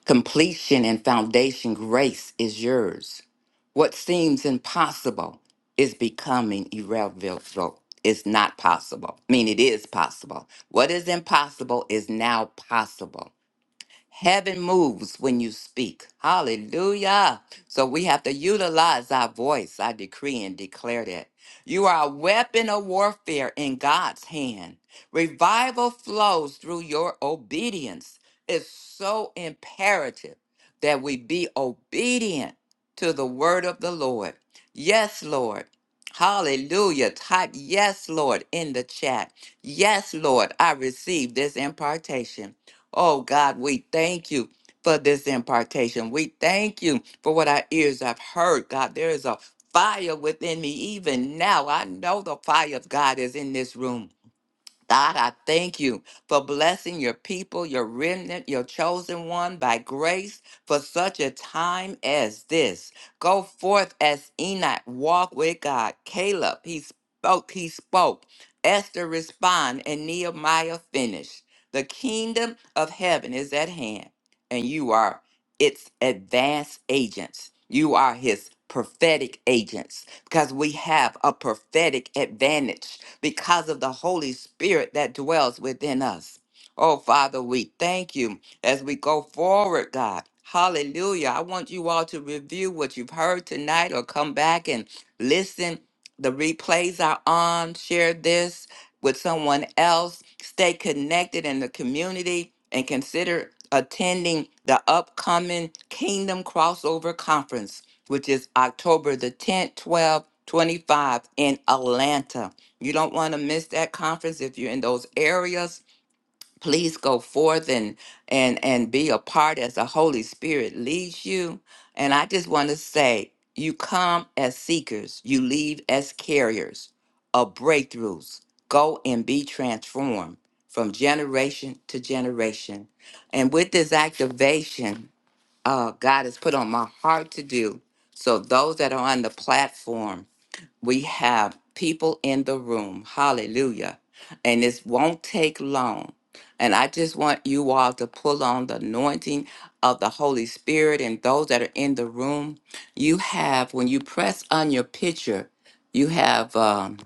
Completion and foundation grace is yours. What seems impossible is becoming irrevocable. It's not possible. I mean, it is possible. What is impossible is now possible. Heaven moves when you speak. Hallelujah. So we have to utilize our voice. I decree and declare that. You are a weapon of warfare in God's hand. Revival flows through your obedience. It's so imperative that we be obedient to the word of the Lord. Yes, Lord. Hallelujah. Type yes, Lord, in the chat. Yes, Lord, I receive this impartation. Oh God, we thank you for this impartation. We thank you for what our ears have heard. God, there is a fire within me even now. I know the fire of God is in this room. God, I thank you for blessing your people, your remnant, your chosen one by grace for such a time as this. Go forth as Enoch, walk with God. Caleb, he spoke, he spoke. Esther respond and Nehemiah finished. The kingdom of heaven is at hand, and you are its advanced agents. You are his prophetic agents because we have a prophetic advantage because of the Holy Spirit that dwells within us. Oh, Father, we thank you as we go forward, God. Hallelujah. I want you all to review what you've heard tonight or come back and listen. The replays are on. Share this with someone else. Stay connected in the community and consider attending the upcoming Kingdom Crossover Conference, which is October the 10th, 12th, 25 in Atlanta. You don't want to miss that conference. If you're in those areas, please go forth and and and be a part as the Holy Spirit leads you. And I just want to say, you come as seekers, you leave as carriers of breakthroughs. Go and be transformed from generation to generation. And with this activation, uh, God has put on my heart to do. So those that are on the platform, we have people in the room. Hallelujah. And this won't take long. And I just want you all to pull on the anointing of the Holy Spirit and those that are in the room. You have, when you press on your picture, you have, um,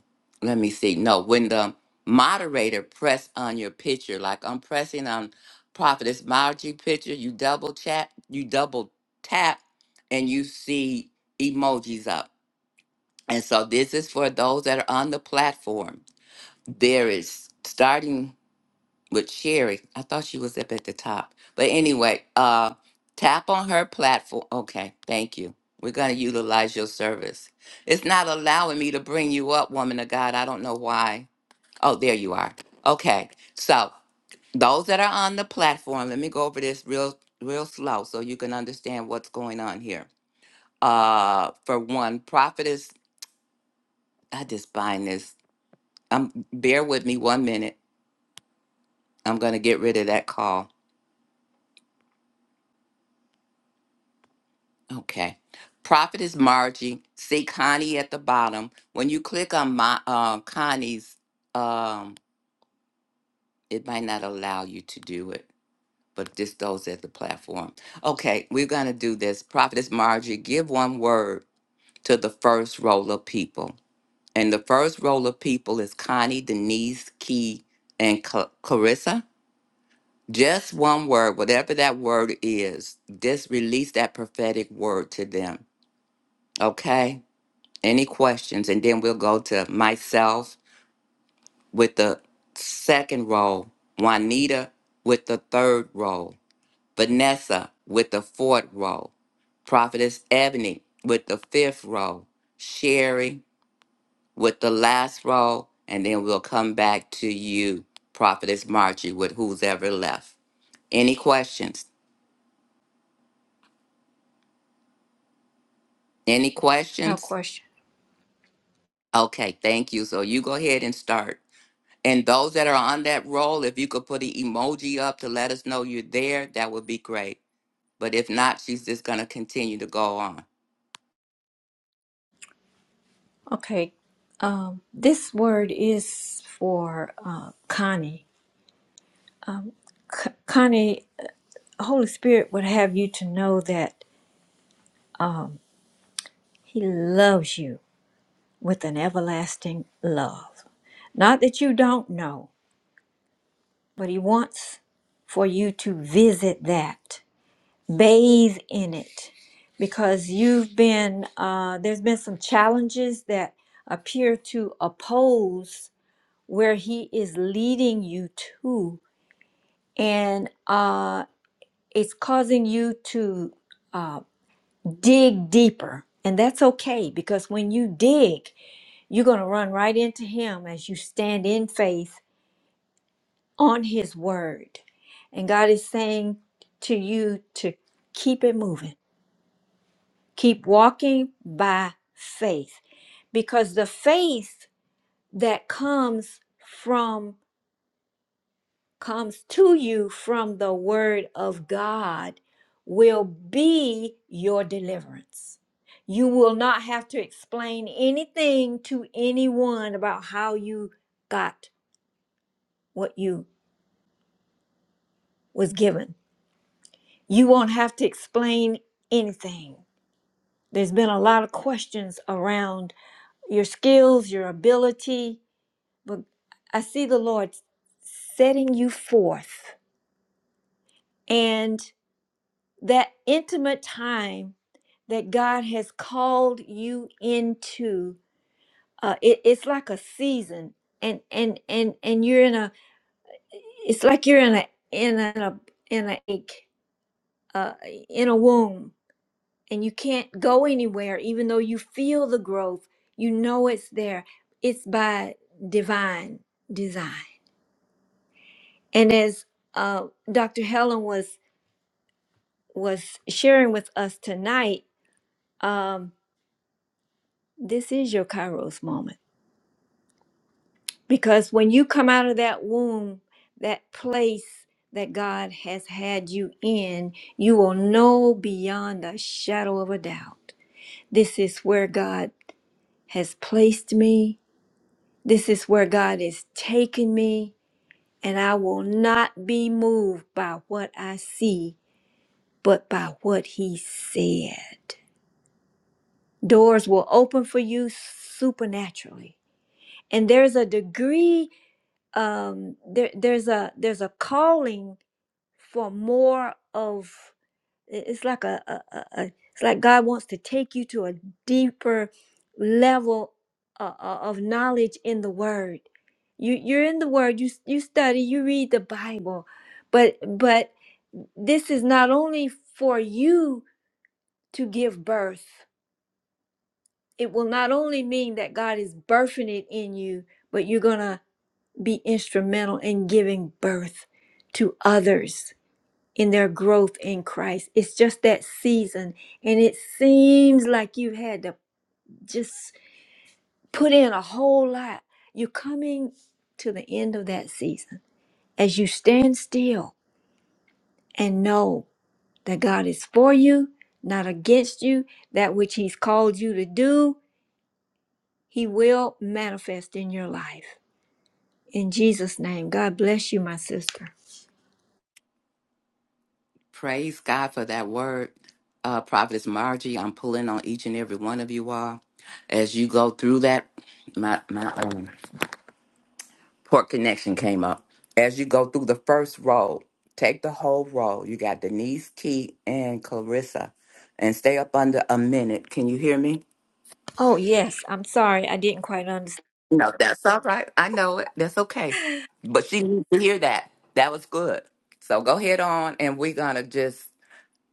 let me see, no, when the moderator press on your picture, like I'm pressing on Prophetess Margie picture, you double chat, you double tap, and you see emojis up and so this is for those that are on the platform. There is starting with Sherry. I thought she was up at the top. But anyway, uh tap on her platform. Okay, thank you. We're gonna utilize your service. It's not allowing me to bring you up, woman of God. I don't know why. Oh, there you are. Okay. So those that are on the platform, let me go over this real real slow so you can understand what's going on here. Uh for one, prophetess, I just find this. Um, bear with me one minute. I'm going to get rid of that call. Okay. Profit is Margie. See Connie at the bottom. When you click on my uh, Connie's, um, it might not allow you to do it, but this goes at the platform. Okay, we're going to do this. Profit is Margie. Give one word to the first roll of people. And the first roll of people is Connie, Denise, Key, and Ca- Clarissa. Just one word, whatever that word is, just release that prophetic word to them. Okay? Any questions? And then we'll go to myself with the second role, Juanita with the third role, Vanessa with the fourth role, Prophetess Ebony with the fifth role, Sherry with the last role, and then we'll come back to you, Prophetess Margie, with who's ever left. Any questions? Any
No
questions?
question.
Okay, thank you. So you go ahead and start. And those that are on that roll, if you could put an emoji up to let us know you're there, that would be great. But if not, she's just going to continue to go on.
Okay. Um, this word is for uh, Connie. Um, C- Connie, Holy Spirit would have you to know that. He loves you with an everlasting love. Not that you don't know, but He wants for you to visit that, bathe in it, because you've been, uh, there's been some challenges that appear to oppose where He is leading you to. And uh, it's causing you to uh, dig deeper. And that's okay because when you dig, You're going to run right into Him as you stand in faith on His word. And God is saying to you to keep it moving, keep walking by faith, because the faith that comes from comes to you from the word of God will be your deliverance. You will not have to explain anything to anyone about how you got what you was given. You won't have to explain anything. There's been a lot of questions around your skills, your ability, but I see the Lord setting you forth. And that intimate time that God has called you into, uh, it, it's like a season, and and and and you're in a, it's like you're in a in a in a in a, uh, in a womb, and you can't go anywhere even though you feel the growth you know it's there it's by divine design and as uh, dr helen was was sharing with us tonight um, this is your kairos moment because when you come out of that womb that place that god has had you in you will know beyond a shadow of a doubt this is where god has placed me This is where God is taking me, and I will not be moved by what I see, but by what He said. Doors will open for you supernaturally, and there's a degree, um, there, there's a there's a calling for more of. it- it's like a, a, a, a it's like god wants to take you to a deeper level uh, uh, of knowledge in the word you you're in the word you s- you study you read the bible but but this is not only for you to give birth it will not only mean that god is birthing it in you but you're gonna be instrumental in giving birth to others in their growth in Christ. It's just that season. And it seems like you had to just put in a whole lot. You're coming to the end of that season as you stand still and know that God is for you, not against you. That which He's called you to do, He will manifest in your life. In Jesus' name, God bless you, my sister.
Praise God for that word, uh, Prophetess Margie. I'm pulling on each and every one of you all. As you go through that, my, my um, port connection came up. As you go through the first roll, take the whole roll. You got Denise, Key, and Clarissa. And stay up under a minute. Can you hear me?
Oh, yes. I'm sorry. I didn't quite understand.
No, that's all right. I know it. That's okay. But she needs to hear that. That was good. So go ahead on, and we're gonna just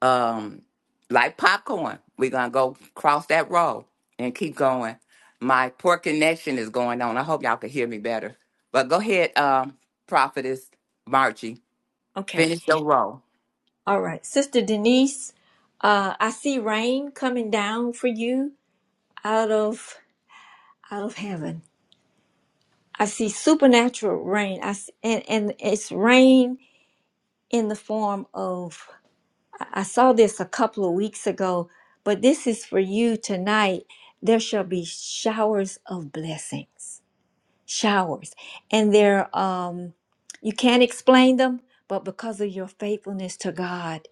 um like popcorn. We're gonna go cross that road and keep going. My poor connection is going on. I hope y'all can hear me better. But go ahead, um, prophetess Marchie.
Okay.
Finish your roll.
All right, Sister Denise, uh, I see rain coming down for you out of out of heaven. I see supernatural rain. I see, and and it's rain in the form of. I I saw this a couple of weeks ago, but this is for you tonight. There shall be showers of blessings, showers, and they're um, you can't explain them, but because of your faithfulness to God.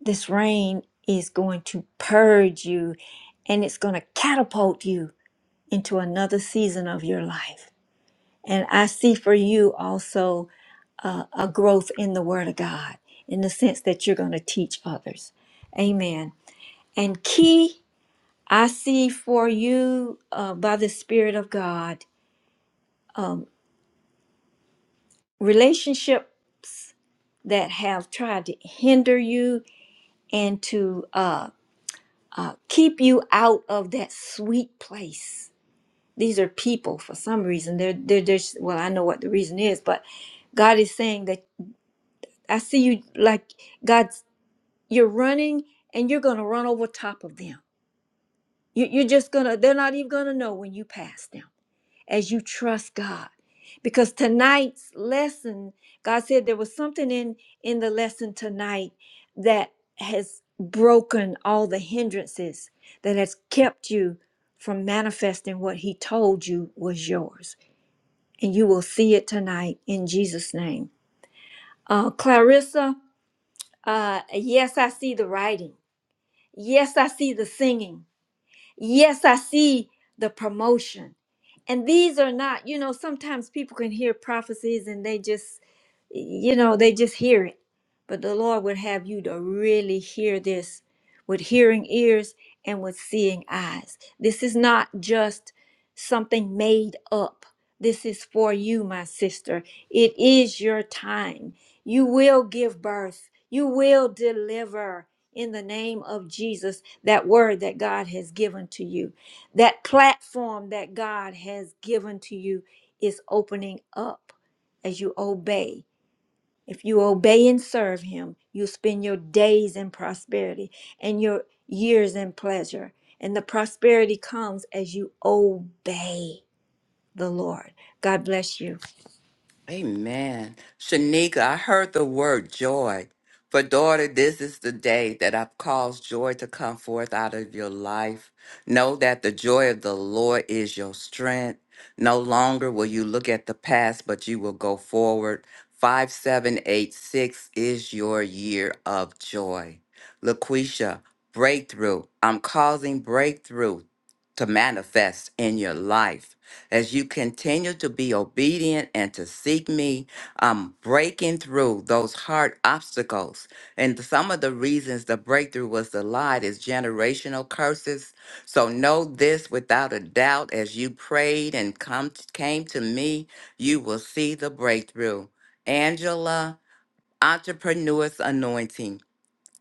This rain is going to purge you and it's going to catapult you into another season of your life. And I see for you also uh, a growth in the Word of God in the sense that you're going to teach others. Amen. And key, I see for you uh, by the Spirit of God um, relationships that have tried to hinder you and to uh, uh, keep you out of that sweet place. These are people for some reason. They're they're just well, I know what the reason is, but God is saying that I see you like God's. You're running and you're gonna run over top of them. You, you're just gonna. They're not even gonna know when you pass them as you trust God. Because tonight's lesson, God said there was something in in the lesson tonight that has broken all the hindrances that has kept you from manifesting what he told you was yours. And you will see it tonight in Jesus' name. Uh, Clarissa, uh, yes, I see the writing. Yes, I see the singing. Yes, I see the promotion. And these are not, you know, sometimes people can hear prophecies and they just, you know, they just hear it. But the Lord would have you to really hear this with hearing ears and with seeing eyes. This is not just something made up. This is for you, my sister. It is your time. You will give birth, you will deliver in the name of Jesus that word that God has given to you. That platform that God has given to you is opening up as you obey. If you obey and serve Him, you spend your days in prosperity and your years in pleasure. And the prosperity comes as you obey the Lord. God bless you.
Amen. Shanika, I heard the word joy. For daughter, this is the day that I've caused joy to come forth out of your life. Know that the joy of the Lord is your strength. No longer will you look at the past, but you will go forward. 5786 is your year of joy. Laquisha, breakthrough. I'm causing breakthrough to manifest in your life. As you continue to be obedient and to seek me, I'm breaking through those hard obstacles. And some of the reasons the breakthrough was denied is generational curses. So know this without a doubt as you prayed and come came to me, you will see the breakthrough. Angela, entrepreneur's anointing.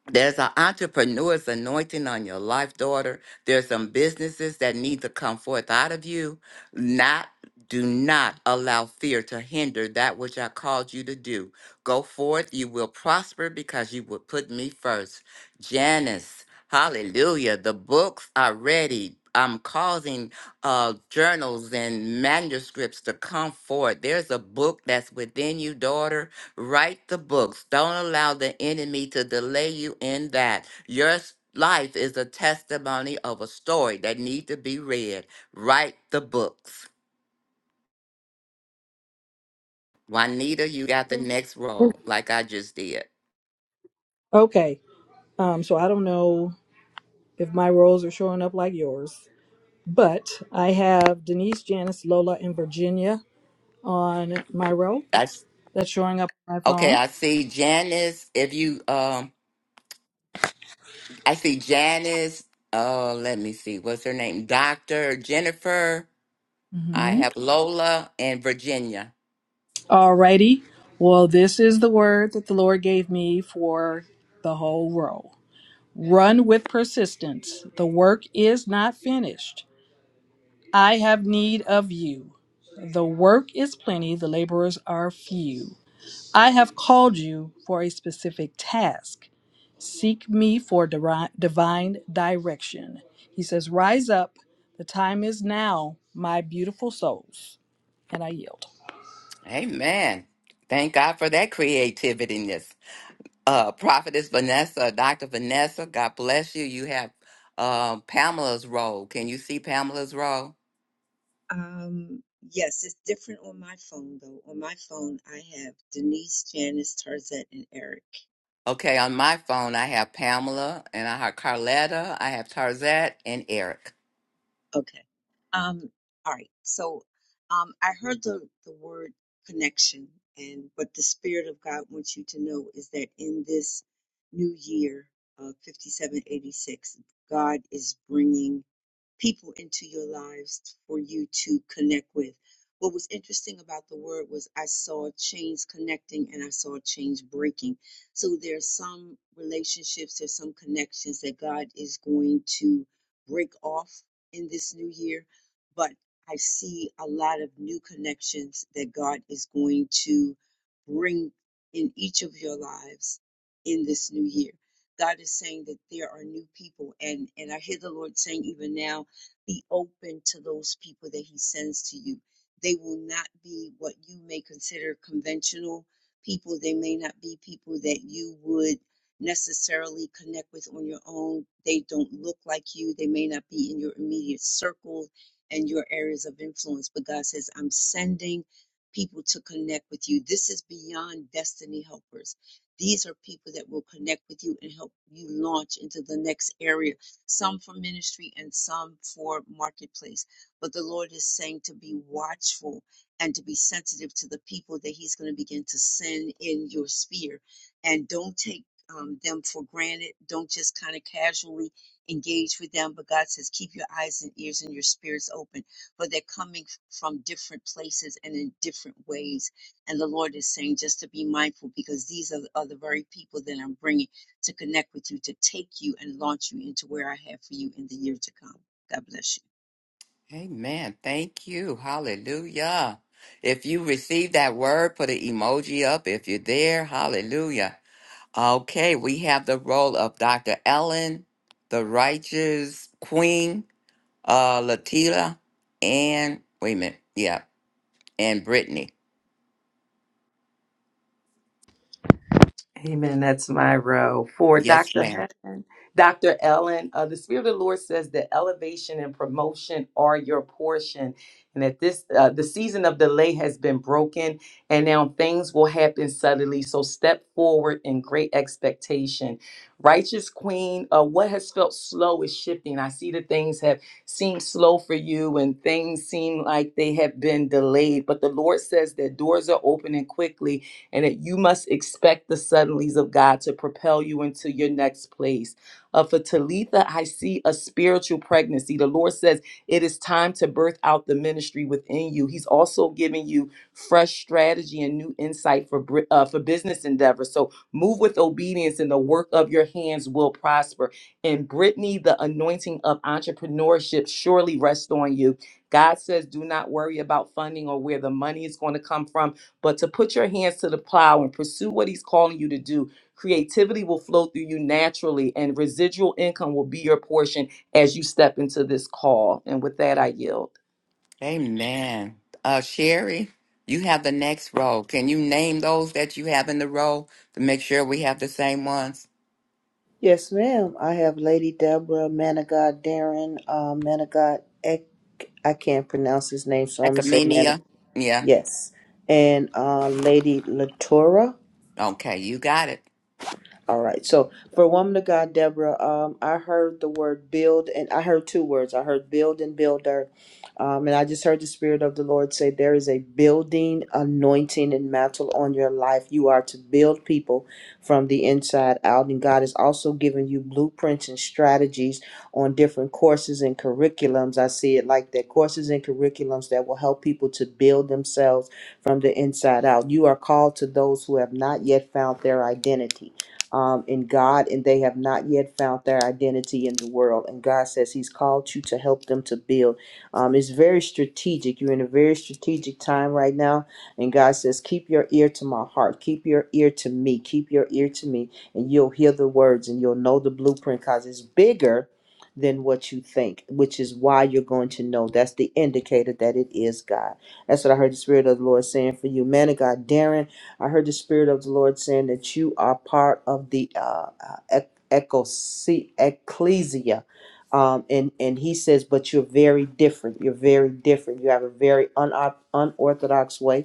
There's an entrepreneur's anointing on your life, daughter. There's some businesses that need to come forth out of you. Not do not allow fear to hinder that which I called you to do. Go forth, you will prosper because you would put me first. Janice, hallelujah. The books are ready. I'm causing uh, journals and manuscripts to come forth. There's a book that's within you, daughter Write the books. Don't allow the enemy to delay you in that. Your s- life is a testimony of a story that need to be read. Write the books. Juanita, you got the Mm. next role, like I just did.
Okay. Um, so I don't know if my roles are showing up like yours. But I have Denise, Janice, Lola, and Virginia on my row.
That's
That's showing up on my
okay.
phone.
I see Janice. If you um, I see Janice. Oh, let me see. What's her name? Doctor Jennifer. I
hmm
have Lola and Virginia.
Alrighty. Well, this is the word that the Lord gave me for the whole row. Run with persistence. The work is not finished. I have need of you. The work is plenty, the laborers are few. I have called you for a specific task. Seek me for diri- divine direction. He says, Rise up. The time is now, my beautiful souls. And I yield.
Amen. Thank God for that creativity. uh, Prophetess Vanessa, Dr. Vanessa, God bless you. You have um, Pamela's role. Can you see Pamela's role?
Um, yes, it's different on my phone though. On my phone, I have Denise, Janice, Tarzette, and Eric.
Okay, on my phone, I have Pamela and I have Carletta, I have Tarzette, and Eric.
Okay. Um, all right. So, um, I heard the the word connection, and what the Spirit of God wants you to know is that in this new year of 5786, God is bringing people into your lives for you to connect with. What was interesting about the word was I saw chains connecting and I saw chains breaking. So there's some relationships, there's some connections that God is going to break off in this new year, but I see a lot of new connections that God is going to bring in each of your lives in this new year. God is saying that there are new people and and I hear the Lord saying even now be open to those people that he sends to you. They will not be what you may consider conventional people. They may not be people that you would necessarily connect with on your own. They don't look like you. They may not be in your immediate circle and your areas of influence. But God says, I'm sending people to connect with you. This is beyond destiny helpers. These are people that will connect with you and help you launch into the next area some for ministry and some for marketplace. But the Lord is saying to be watchful and to be sensitive to the people that He's going to begin to send in your sphere. And don't take um, them for granted. Don't just kind of casually engage with them. But God says, keep your eyes and ears and your spirits open. But they're coming from different places and in different ways. And the Lord is saying just to be mindful because these are, are the very people that I'm bringing to connect with you, to take you and launch you into where I have for you in the year to come. God bless you.
Amen. Thank you. Hallelujah. If you received that word, put an emoji up if you're there. Hallelujah. Okay, we have the role of Dr. Ellen, the righteous queen, uh, Latila, and wait a minute. Yeah, and Brittany.
Amen. That's my row. For
Yes,
Dr.
ma'am.
Helen, Dr. Ellen, uh, the Spirit of the Lord says that elevation and promotion are your portion, and that this uh, the season of delay has been broken, and now things will happen suddenly. So step forward in great expectation. Righteous Queen, uh, what has felt slow is shifting. I see that things have seemed slow for you, and things seem like they have been delayed. But the Lord says that doors are opening quickly, and that you must expect the suddenlies of God to propel you into your next place. Uh, for Talitha, I see a spiritual pregnancy. The Lord says it is time to birth out the ministry within you. He's also giving you fresh strategy and new insight for bri- uh, for business endeavors. So move with obedience, and the work of your hands will prosper. And Brittany, the anointing of entrepreneurship surely rests on you. God says, do not worry about funding or where the money is going to come from but to put your hands to the plow and pursue what he's calling you to do, creativity will flow through you naturally, and residual income will be your portion as you step into this call. And with that, I yield.
Amen. Uh, Sherry, you have the next row. Can you name those that you have in the row to make sure we have the same ones?
Yes, ma'am. I have Lady Deborah, man of God, Darren, uh, man of God, Ek, I can't pronounce his name, so I'm going to say man of,
Ecomenia. Yeah.
yes. And uh, Lady Latoura.
Okay, you got it.
All right. So for woman of God, Deborah, um, I heard the word build, and I heard two words. I heard build and builder, um, and I just heard the Spirit of the Lord say there is a building anointing and mantle on your life. You are to build people from the inside out, and God is also giving you blueprints and strategies on different courses and curriculums. I see it like that: courses and curriculums that will help people to build themselves from the inside out. You are called to those who have not yet found their identity um, in God, and they have not yet found their identity in the world. And God says He's called you to help them to build. Um, it's very strategic. You're in a very strategic time right now, and God says, Keep your ear to my heart, keep your ear to me, keep your ear to me, and you'll hear the words and you'll know the blueprint because it's bigger than what you think, which is why you're going to know. That's the indicator that it is God. That's what I heard the Spirit of the Lord saying for you, man of God, Darren. I heard the Spirit of the Lord saying that you are part of the uh, uh, ec- ecclesia. Um, and, and he says, but you're very different. You're very different. You have a very unorth- unorthodox way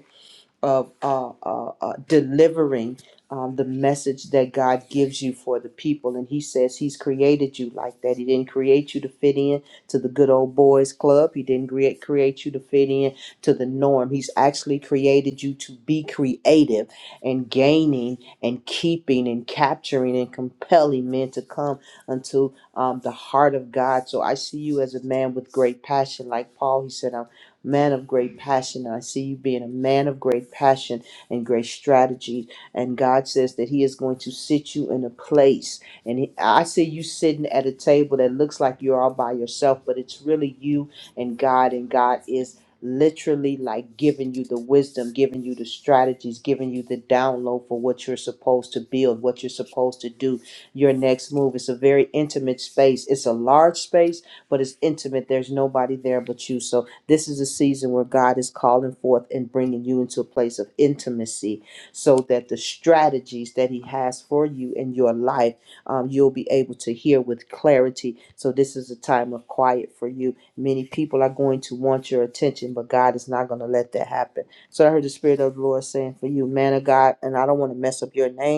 of uh, uh, uh, delivering um, the message that God gives you for the people. And He says He's created you like that. He didn't create you to fit in to the good old boys club. He didn't create create you to fit in to the norm. He's actually created you to be creative and gaining and keeping and capturing and compelling men to come unto um, the heart of God. So I see you as a man with great passion, like Paul. He said, "I'm." man of great passion. I see you being a man of great passion and great strategy. And God says that He is going to sit you in a place. And he, I see you sitting at a table that looks like you're all by yourself, but it's really you and God, and God is. Literally, like giving you the wisdom, giving you the strategies, giving you the download for what you're supposed to build, what you're supposed to do, your next move. It's a very intimate space. It's a large space, but it's intimate. There's nobody there but you. So this is a season where God is calling forth and bringing you into a place of intimacy so that the strategies that He has for you in your life, um, you'll be able to hear with clarity. So, this is a time of quiet for you. Many people are going to want your attention, but God is not going to let that happen. So, I heard the Spirit of the Lord saying for you, man of God, and I don't want to mess up your name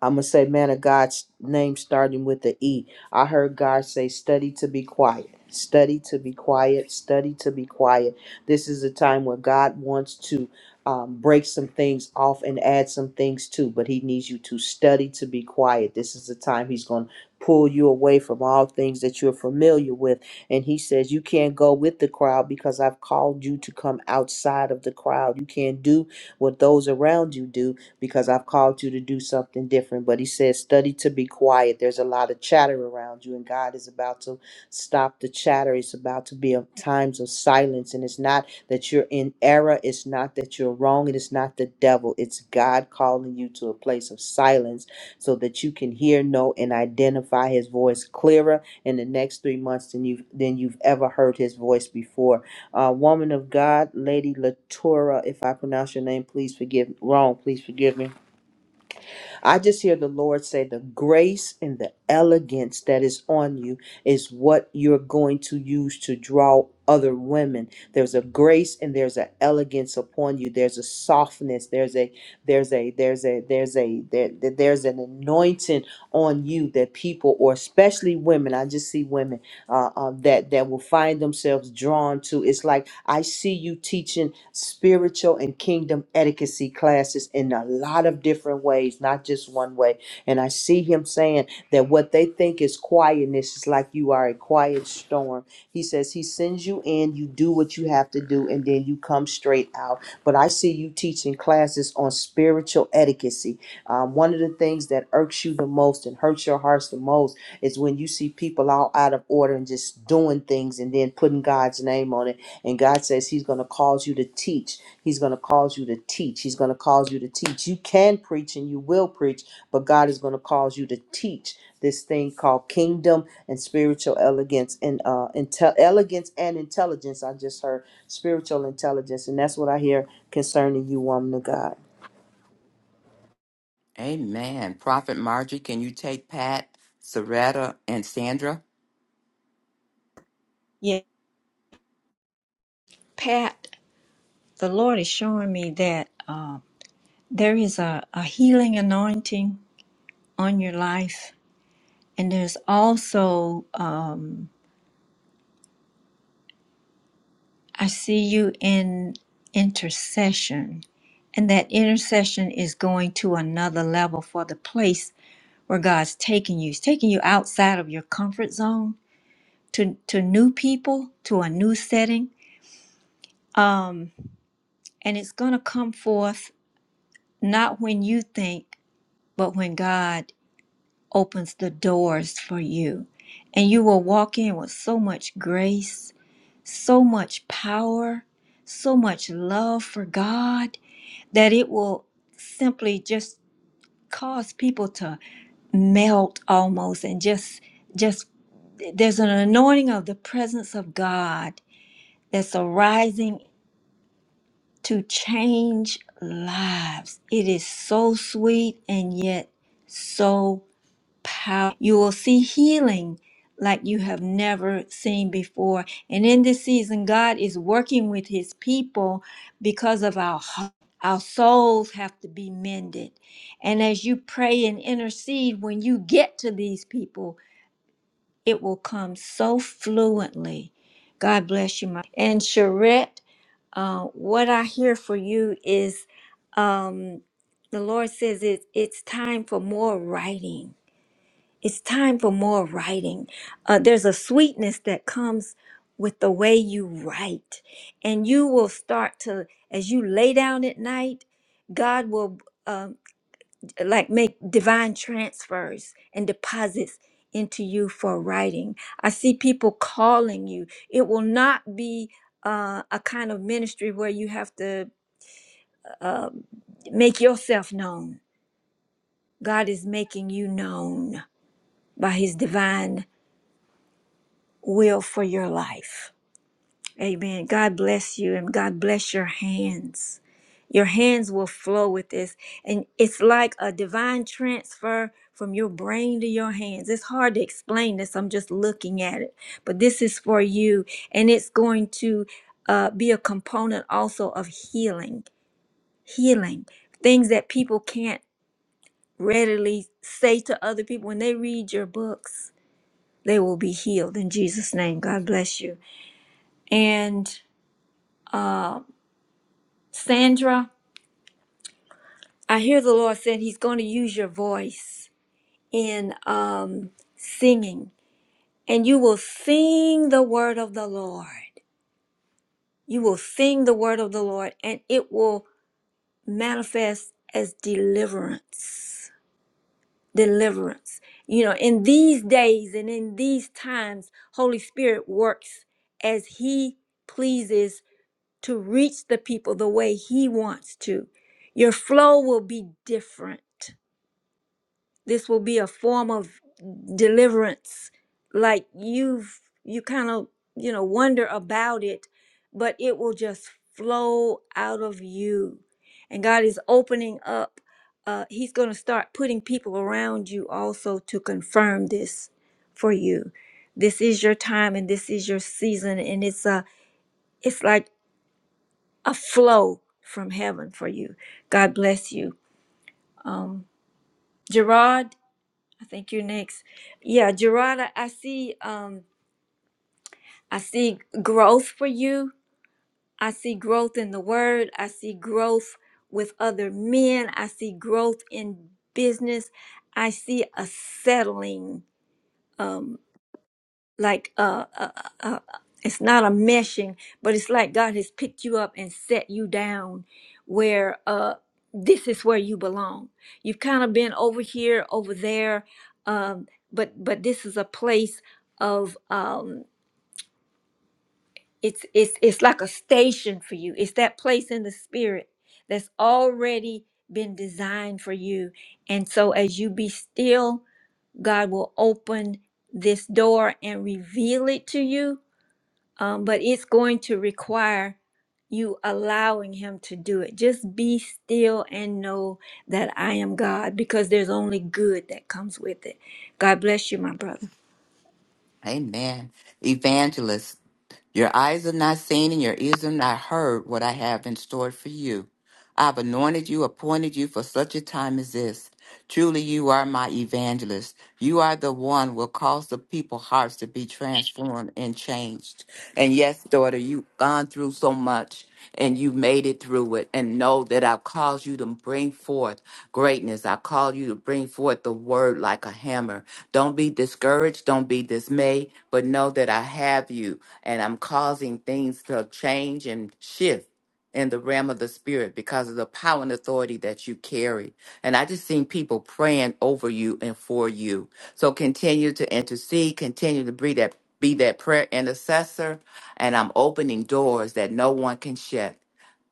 I'm gonna say man of God's name starting with the E. I heard God say, study to be quiet, study to be quiet, study to be quiet. This is a time where God wants to um, break some things off and add some things to, but He needs you to study to be quiet. This is the time He's gonna pull you away from all things that you're familiar with. And He says, You can't go with the crowd because I've called you to come outside of the crowd. You can't do what those around you do because I've called you to do something different. But he says, study to be quiet. There's a lot of chatter around you, and God is about to stop the chatter. It's about to be a times of silence. And it's not that you're in error. It's not that you're wrong. It is not the devil. It's God calling you to a place of silence so that you can hear, know, and identify his voice clearer in the next three months than you've than you've ever heard his voice before uh, woman of God, Lady Latoura. If I pronounce your name, please forgive wrong. Please forgive me. I just hear the Lord say, The grace and the elegance that is on you is what you're going to use to draw other women. There's a grace and there's an elegance upon you. There's a softness. There's a there's a there's a there's a there, there- there's an anointing on you that people or especially women. I just see women uh, uh, that that will find themselves drawn to. It's like I see you teaching spiritual and kingdom etiquette classes in a lot of different ways, not just one way. And I see him saying that what they think is quietness is like you are a quiet storm. He says he sends you in, you do what you have to do, and then you come straight out. But I see you teaching classes on spiritual etiquette. Um, one of the things that irks you the most and hurts your hearts the most and God says He's going to cause you to teach. He's going to cause you to teach. He's going to cause you to teach. You can preach and you will preach, but God is going to cause you to teach this thing called kingdom and spiritual elegance and uh, intel- elegance and intelligence. I just heard spiritual intelligence, and that's what I hear concerning you, woman of God.
Amen. Prophet Margie, can you take Pat, Soretta, and Sandra?
Yeah, Pat, the Lord is showing me that uh, there is a, a healing anointing on your life. And there's also, um, I see you in intercession, and that intercession is going to another level for the place where God's taking you. He's taking you outside of your comfort zone to, to new people, to a new setting. Um, and it's going to come forth not when you think, but when God. opens the doors for you. And you will walk in with so much grace, so much power, so much love for God that it will simply just cause people to melt almost and just just there's an anointing of the presence of God that's arising to change lives. It is so sweet and yet so power. You will see healing like you have never seen before. And in this season, God is working with his people because of our heart. Our souls have to be mended. And as you pray and intercede, when you get to these people, it will come so fluently. God bless you, my. And Charette, uh, what I hear for you is um, the Lord says it, it's time for more writing it's time for more writing. Uh, there's a sweetness that comes with the way you write, and you will start to, as you lay down at night, God will um, like make divine transfers and deposits into you for writing. I see people calling you. It will not be uh, a kind of ministry where you have to uh, make yourself known. God is making you known by His divine will for your life. Amen. God bless you and God bless your hands. Your hands will flow with this. And it's like a divine transfer from your brain to your hands. It's hard to explain this. I'm just looking at it. But this is for you. And it's going to uh, be a component also of healing, healing, things that people can't readily say to other people. When they read your books, they will be healed in Jesus' name. God bless you. And uh, Sandra, I hear the Lord saying He's going to use your voice in um, singing, and you will sing the word of the Lord. You will sing the word of the Lord, and it will manifest as deliverance. Deliverance. You know, in these days and in these times, Holy Spirit works as He pleases to reach the people the way He wants to. Your flow will be different. This will be a form of deliverance. Like you've, you kind of, you know, wonder about it, but it will just flow out of you. And God is opening up. Uh, he's going to start putting people around you also to confirm this for you. This is your time and this is your season. And it's a, it's like a flow from heaven for you. God bless you. Um, Gerard, I think you're next. Yeah, Gerard, I, I see um, I see growth for you. I see growth in the word. I see growth with other men. I see growth in business. I see a settling. um, like uh, uh, uh, uh, it's not a meshing, but it's like God has picked you up and set you down where uh, this is where you belong. You've kind of been over here, over there, um, but but this is a place of um, it's it's it's like a station for you. It's that place in the spirit that's already been designed for you, and so as you be still, God will open this door and reveal it to you um, but it's going to require you allowing him to do it just be still and know that i am god because there's only good that comes with it god bless you my brother
Amen. Evangelist. Your eyes have not seen and your ears have not heard what I have in store for you. I've anointed you, appointed you for such a time as this. Truly, you are my evangelist. You are the one who will cause the people's hearts to be transformed and changed. And yes, daughter, you've gone through so much and you made it through it. And know that I've called you to bring forth greatness. I call you to bring forth the word like a hammer. Don't be discouraged. Don't be dismayed, but know that I have you and I'm causing things to change and shift in the realm of the spirit because of the power and authority that you carry. And I just seen people praying over you and for you. So continue to intercede, continue to be that be that prayer intercessor, and I'm opening doors that no one can shut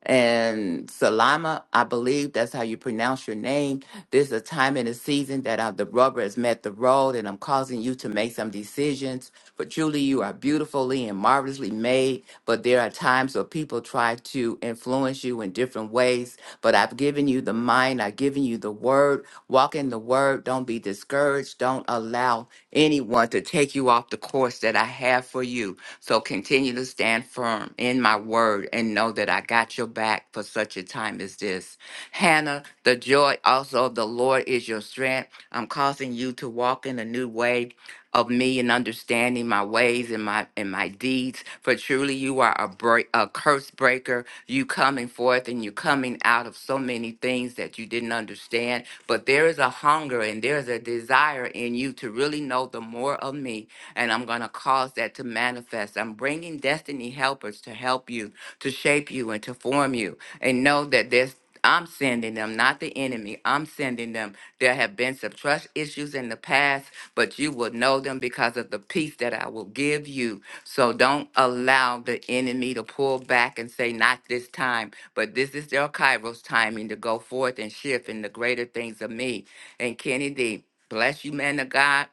and Salama, I believe that's how you pronounce your name. There's a time in the season that uh, the rubber has met the road, and I'm causing you to make some decisions. But truly, you are beautifully and marvelously made. But there are times where people try to influence you in different ways. But I've given you the mind, I've given you the word. Walk in the word. Don't be discouraged. Don't allow anyone to take you off the course that I have for you so continue to stand firm in my word and know that I got your back for such a time as this. Hannah, the joy also of the Lord is your strength. I'm causing you to walk in a new way of me and understanding my ways and my and my deeds. For truly you are a break a curse breaker. You coming forth and you coming out of so many things that you didn't understand. But there is a hunger and there is a desire in you to really know the more of me and I'm going to cause that to manifest. I'm bringing destiny helpers to help you, to shape you, and to form you. And know that there's I'm sending them, not the enemy. I'm sending them. There have been some trust issues in the past, but you will know them because of the peace that I will give you. So don't allow the enemy to pull back and say, not this time, but this is their Kairos timing to go forth and shift in the greater things of me. And Kennedy, bless you, man of God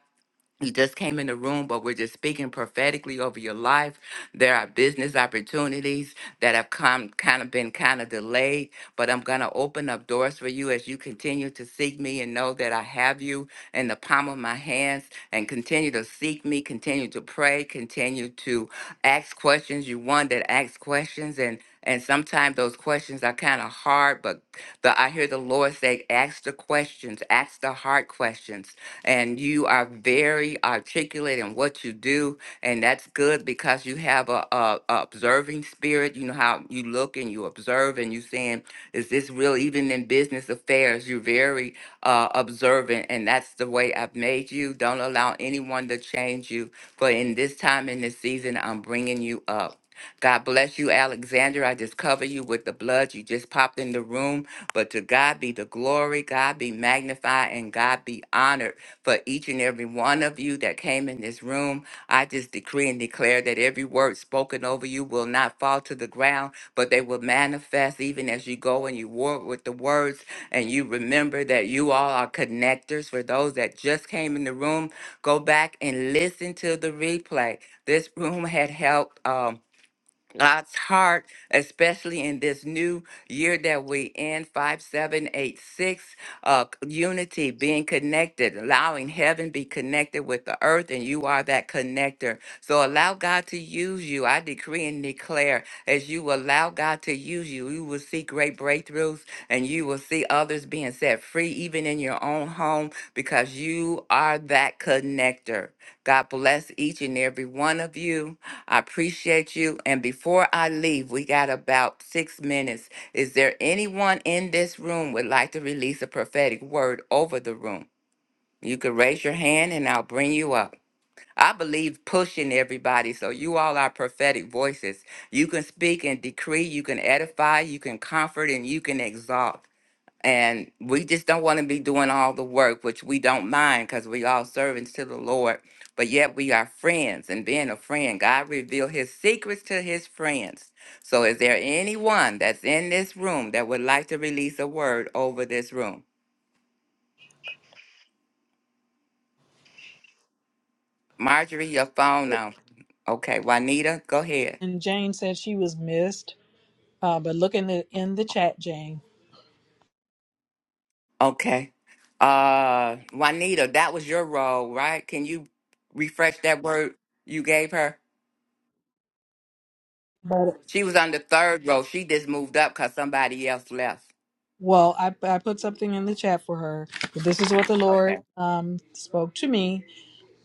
you just came in the room, but we're just speaking prophetically over your life. There are business opportunities that have come kind of been kind of delayed, but I'm going to open up doors for you as you continue to seek me and know that I have you in the palm of my hands and continue to seek me, continue to pray, continue to ask questions. You one that asks questions and and sometimes those questions are kind of hard, but the, I hear the Lord say, ask the questions, ask the hard questions and you are very articulate in what you do, and that's good because you have a, a, a observing spirit. You know how you look and you observe, and you saying, "Is this real?" Even in business affairs, you're very uh, observant, and that's the way I've made you. Don't allow anyone to change you. But in this time in this season, I'm bringing you up. God bless you, Alexander. I just cover you with the blood. You just popped in the room. But to God be the glory, God be magnified, and God be honored for each and every one of you that came in this room. I just decree and declare that every word spoken over you will not fall to the ground, but they will manifest even as you go and you work with the words and you remember that you all are connectors. For those that just came in the room, go back and listen to the replay. This room had helped. Um, God's heart, especially in this new year that we in, 5786, uh, c- unity, being connected, allowing heaven be connected with the earth, and you are that connector. So allow God to use you. I decree and declare as you allow God to use you, you will see great breakthroughs and you will see others being set free, even in your own home, because you are that connector. God bless each and every one of you. I appreciate you. And before I leave, we got about six minutes. Is there anyone in this room would like to release a prophetic word over the room? You can raise your hand and I'll bring you up. I believe pushing everybody. So you all are prophetic voices. You can speak and decree. You can edify. You can comfort and you can exalt. And we just don't want to be doing all the work, which we don't mind because we all servants to the Lord. But yet we are friends. And being a friend, God revealed his secrets to his friends. So is there anyone that's in this room that would like to release a word over this room? Marjorie, your phone now. Okay. Juanita, go ahead.
And Jane said she was missed, uh, but look in the, in the chat, Jane.
Okay. Uh Juanita, that was your role, right? Can you refresh that word you gave her?
But,
She was on the third row. She just moved up because somebody else left.
well, I, I put something in the chat for her. But this is what the Lord
Okay.
um, spoke to me.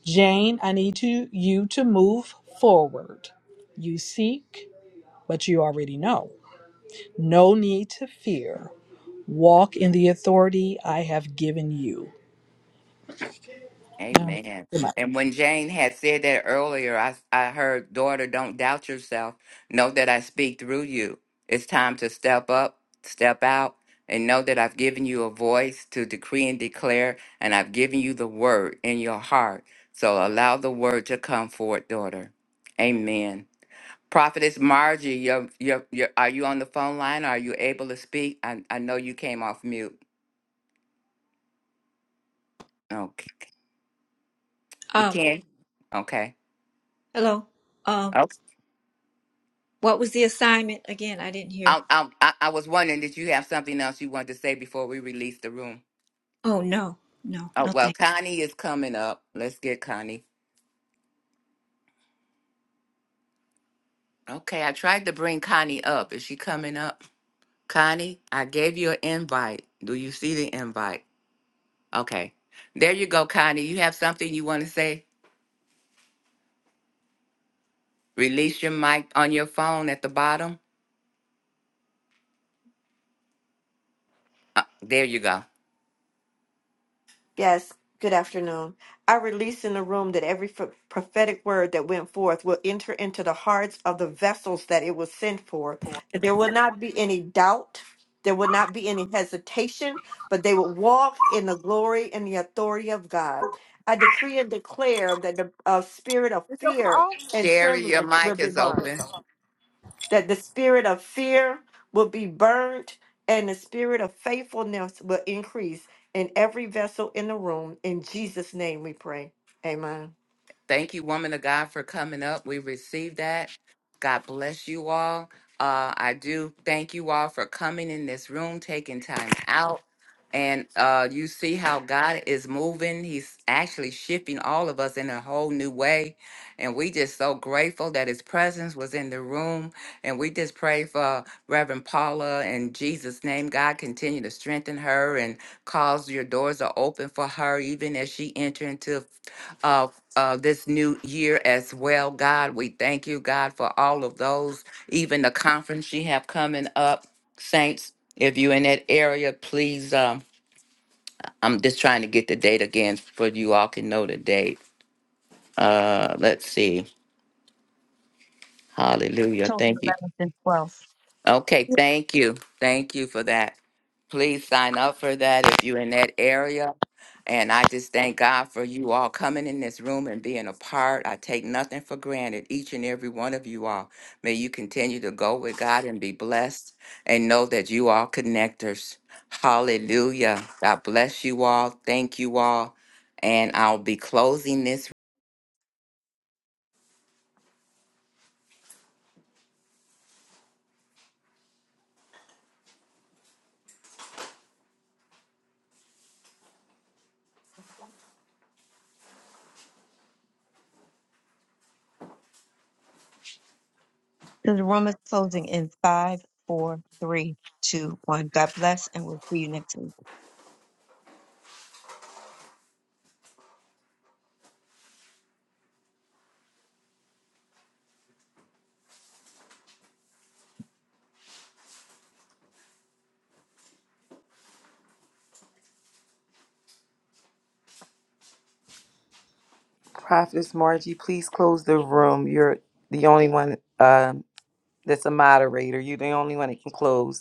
Jane, I need to you to move forward. You seek, but you already know. No need to fear. Walk in the authority I have given you. Now,
Amen. And when Jane had said that earlier, I, I heard, daughter, don't doubt yourself. Know that I speak through you. It's time to step up, step out, and know that I've given you a voice to decree and declare, and I've given you the word in your heart. So allow the word to come forth, daughter. Amen. Prophetess Margie, you're, you're, you're, are you on the phone line? Are you able to speak? I, I know you came off mute. Okay. We
um
can? Okay.
hello um
Okay.
what was the assignment again i didn't
I,
hear
I, I I was wondering, did you have something else you wanted to say before we release the room?
oh no no
Oh,
no
well,
thank
Connie is coming up. Let's get Connie. Okay. I tried to bring Connie up. Is she coming up? Connie, I gave you an invite. Do you see the invite? Okay. There you go, Connie. You have something you want to say? Release your mic on your phone at the bottom. Uh, there you go.
Yes, good afternoon. I release in the room that every ph- prophetic word that went forth will enter into the hearts of the vessels that it was sent forth. That there will not be any doubt, there will not be any hesitation, but they will walk in the glory and the authority of God. I decree and declare that the uh, spirit of fear and
Sherry, your
trembling will
mic
be
is
burned
open.
that the spirit of fear will be burnt and the spirit of faithfulness will increase in every vessel in the room. In Jesus' name we pray. Amen.
Thank you, woman of God, for coming up. We received that. God bless you all. Uh, I do thank you all for coming in this room, taking time out. And uh, you see how God is moving. He's actually shifting all of us in a whole new way. And we just so grateful that his presence was in the room. And we just pray for Reverend Paula in Jesus' name. God continue to strengthen her and cause your doors are open for her, even as she enter into of uh, this new year as well. God, we thank you, God, for all of those, even the conference you have coming up. Saints, if you're in that area, please, um, I'm just trying to get the date again for you all can know the date. Uh, let's see. Hallelujah.
October
Thank you,
11th and 12th.
Okay,
you.
thank you. Thank you for that. Please sign up for that if you're in that area. And I just thank God for you all coming in this room and being a part. I take nothing for granted, each and every one of you all. May you continue to go with God and be blessed and know that you are connectors. Hallelujah. God bless you all. Thank you all. And I'll be closing this
The room is closing in five, four, three, two, one. God bless, and we'll see you next week.
Prophetess Margie, please close the room. You're the only one um, that's a moderator. You're the only one that can close.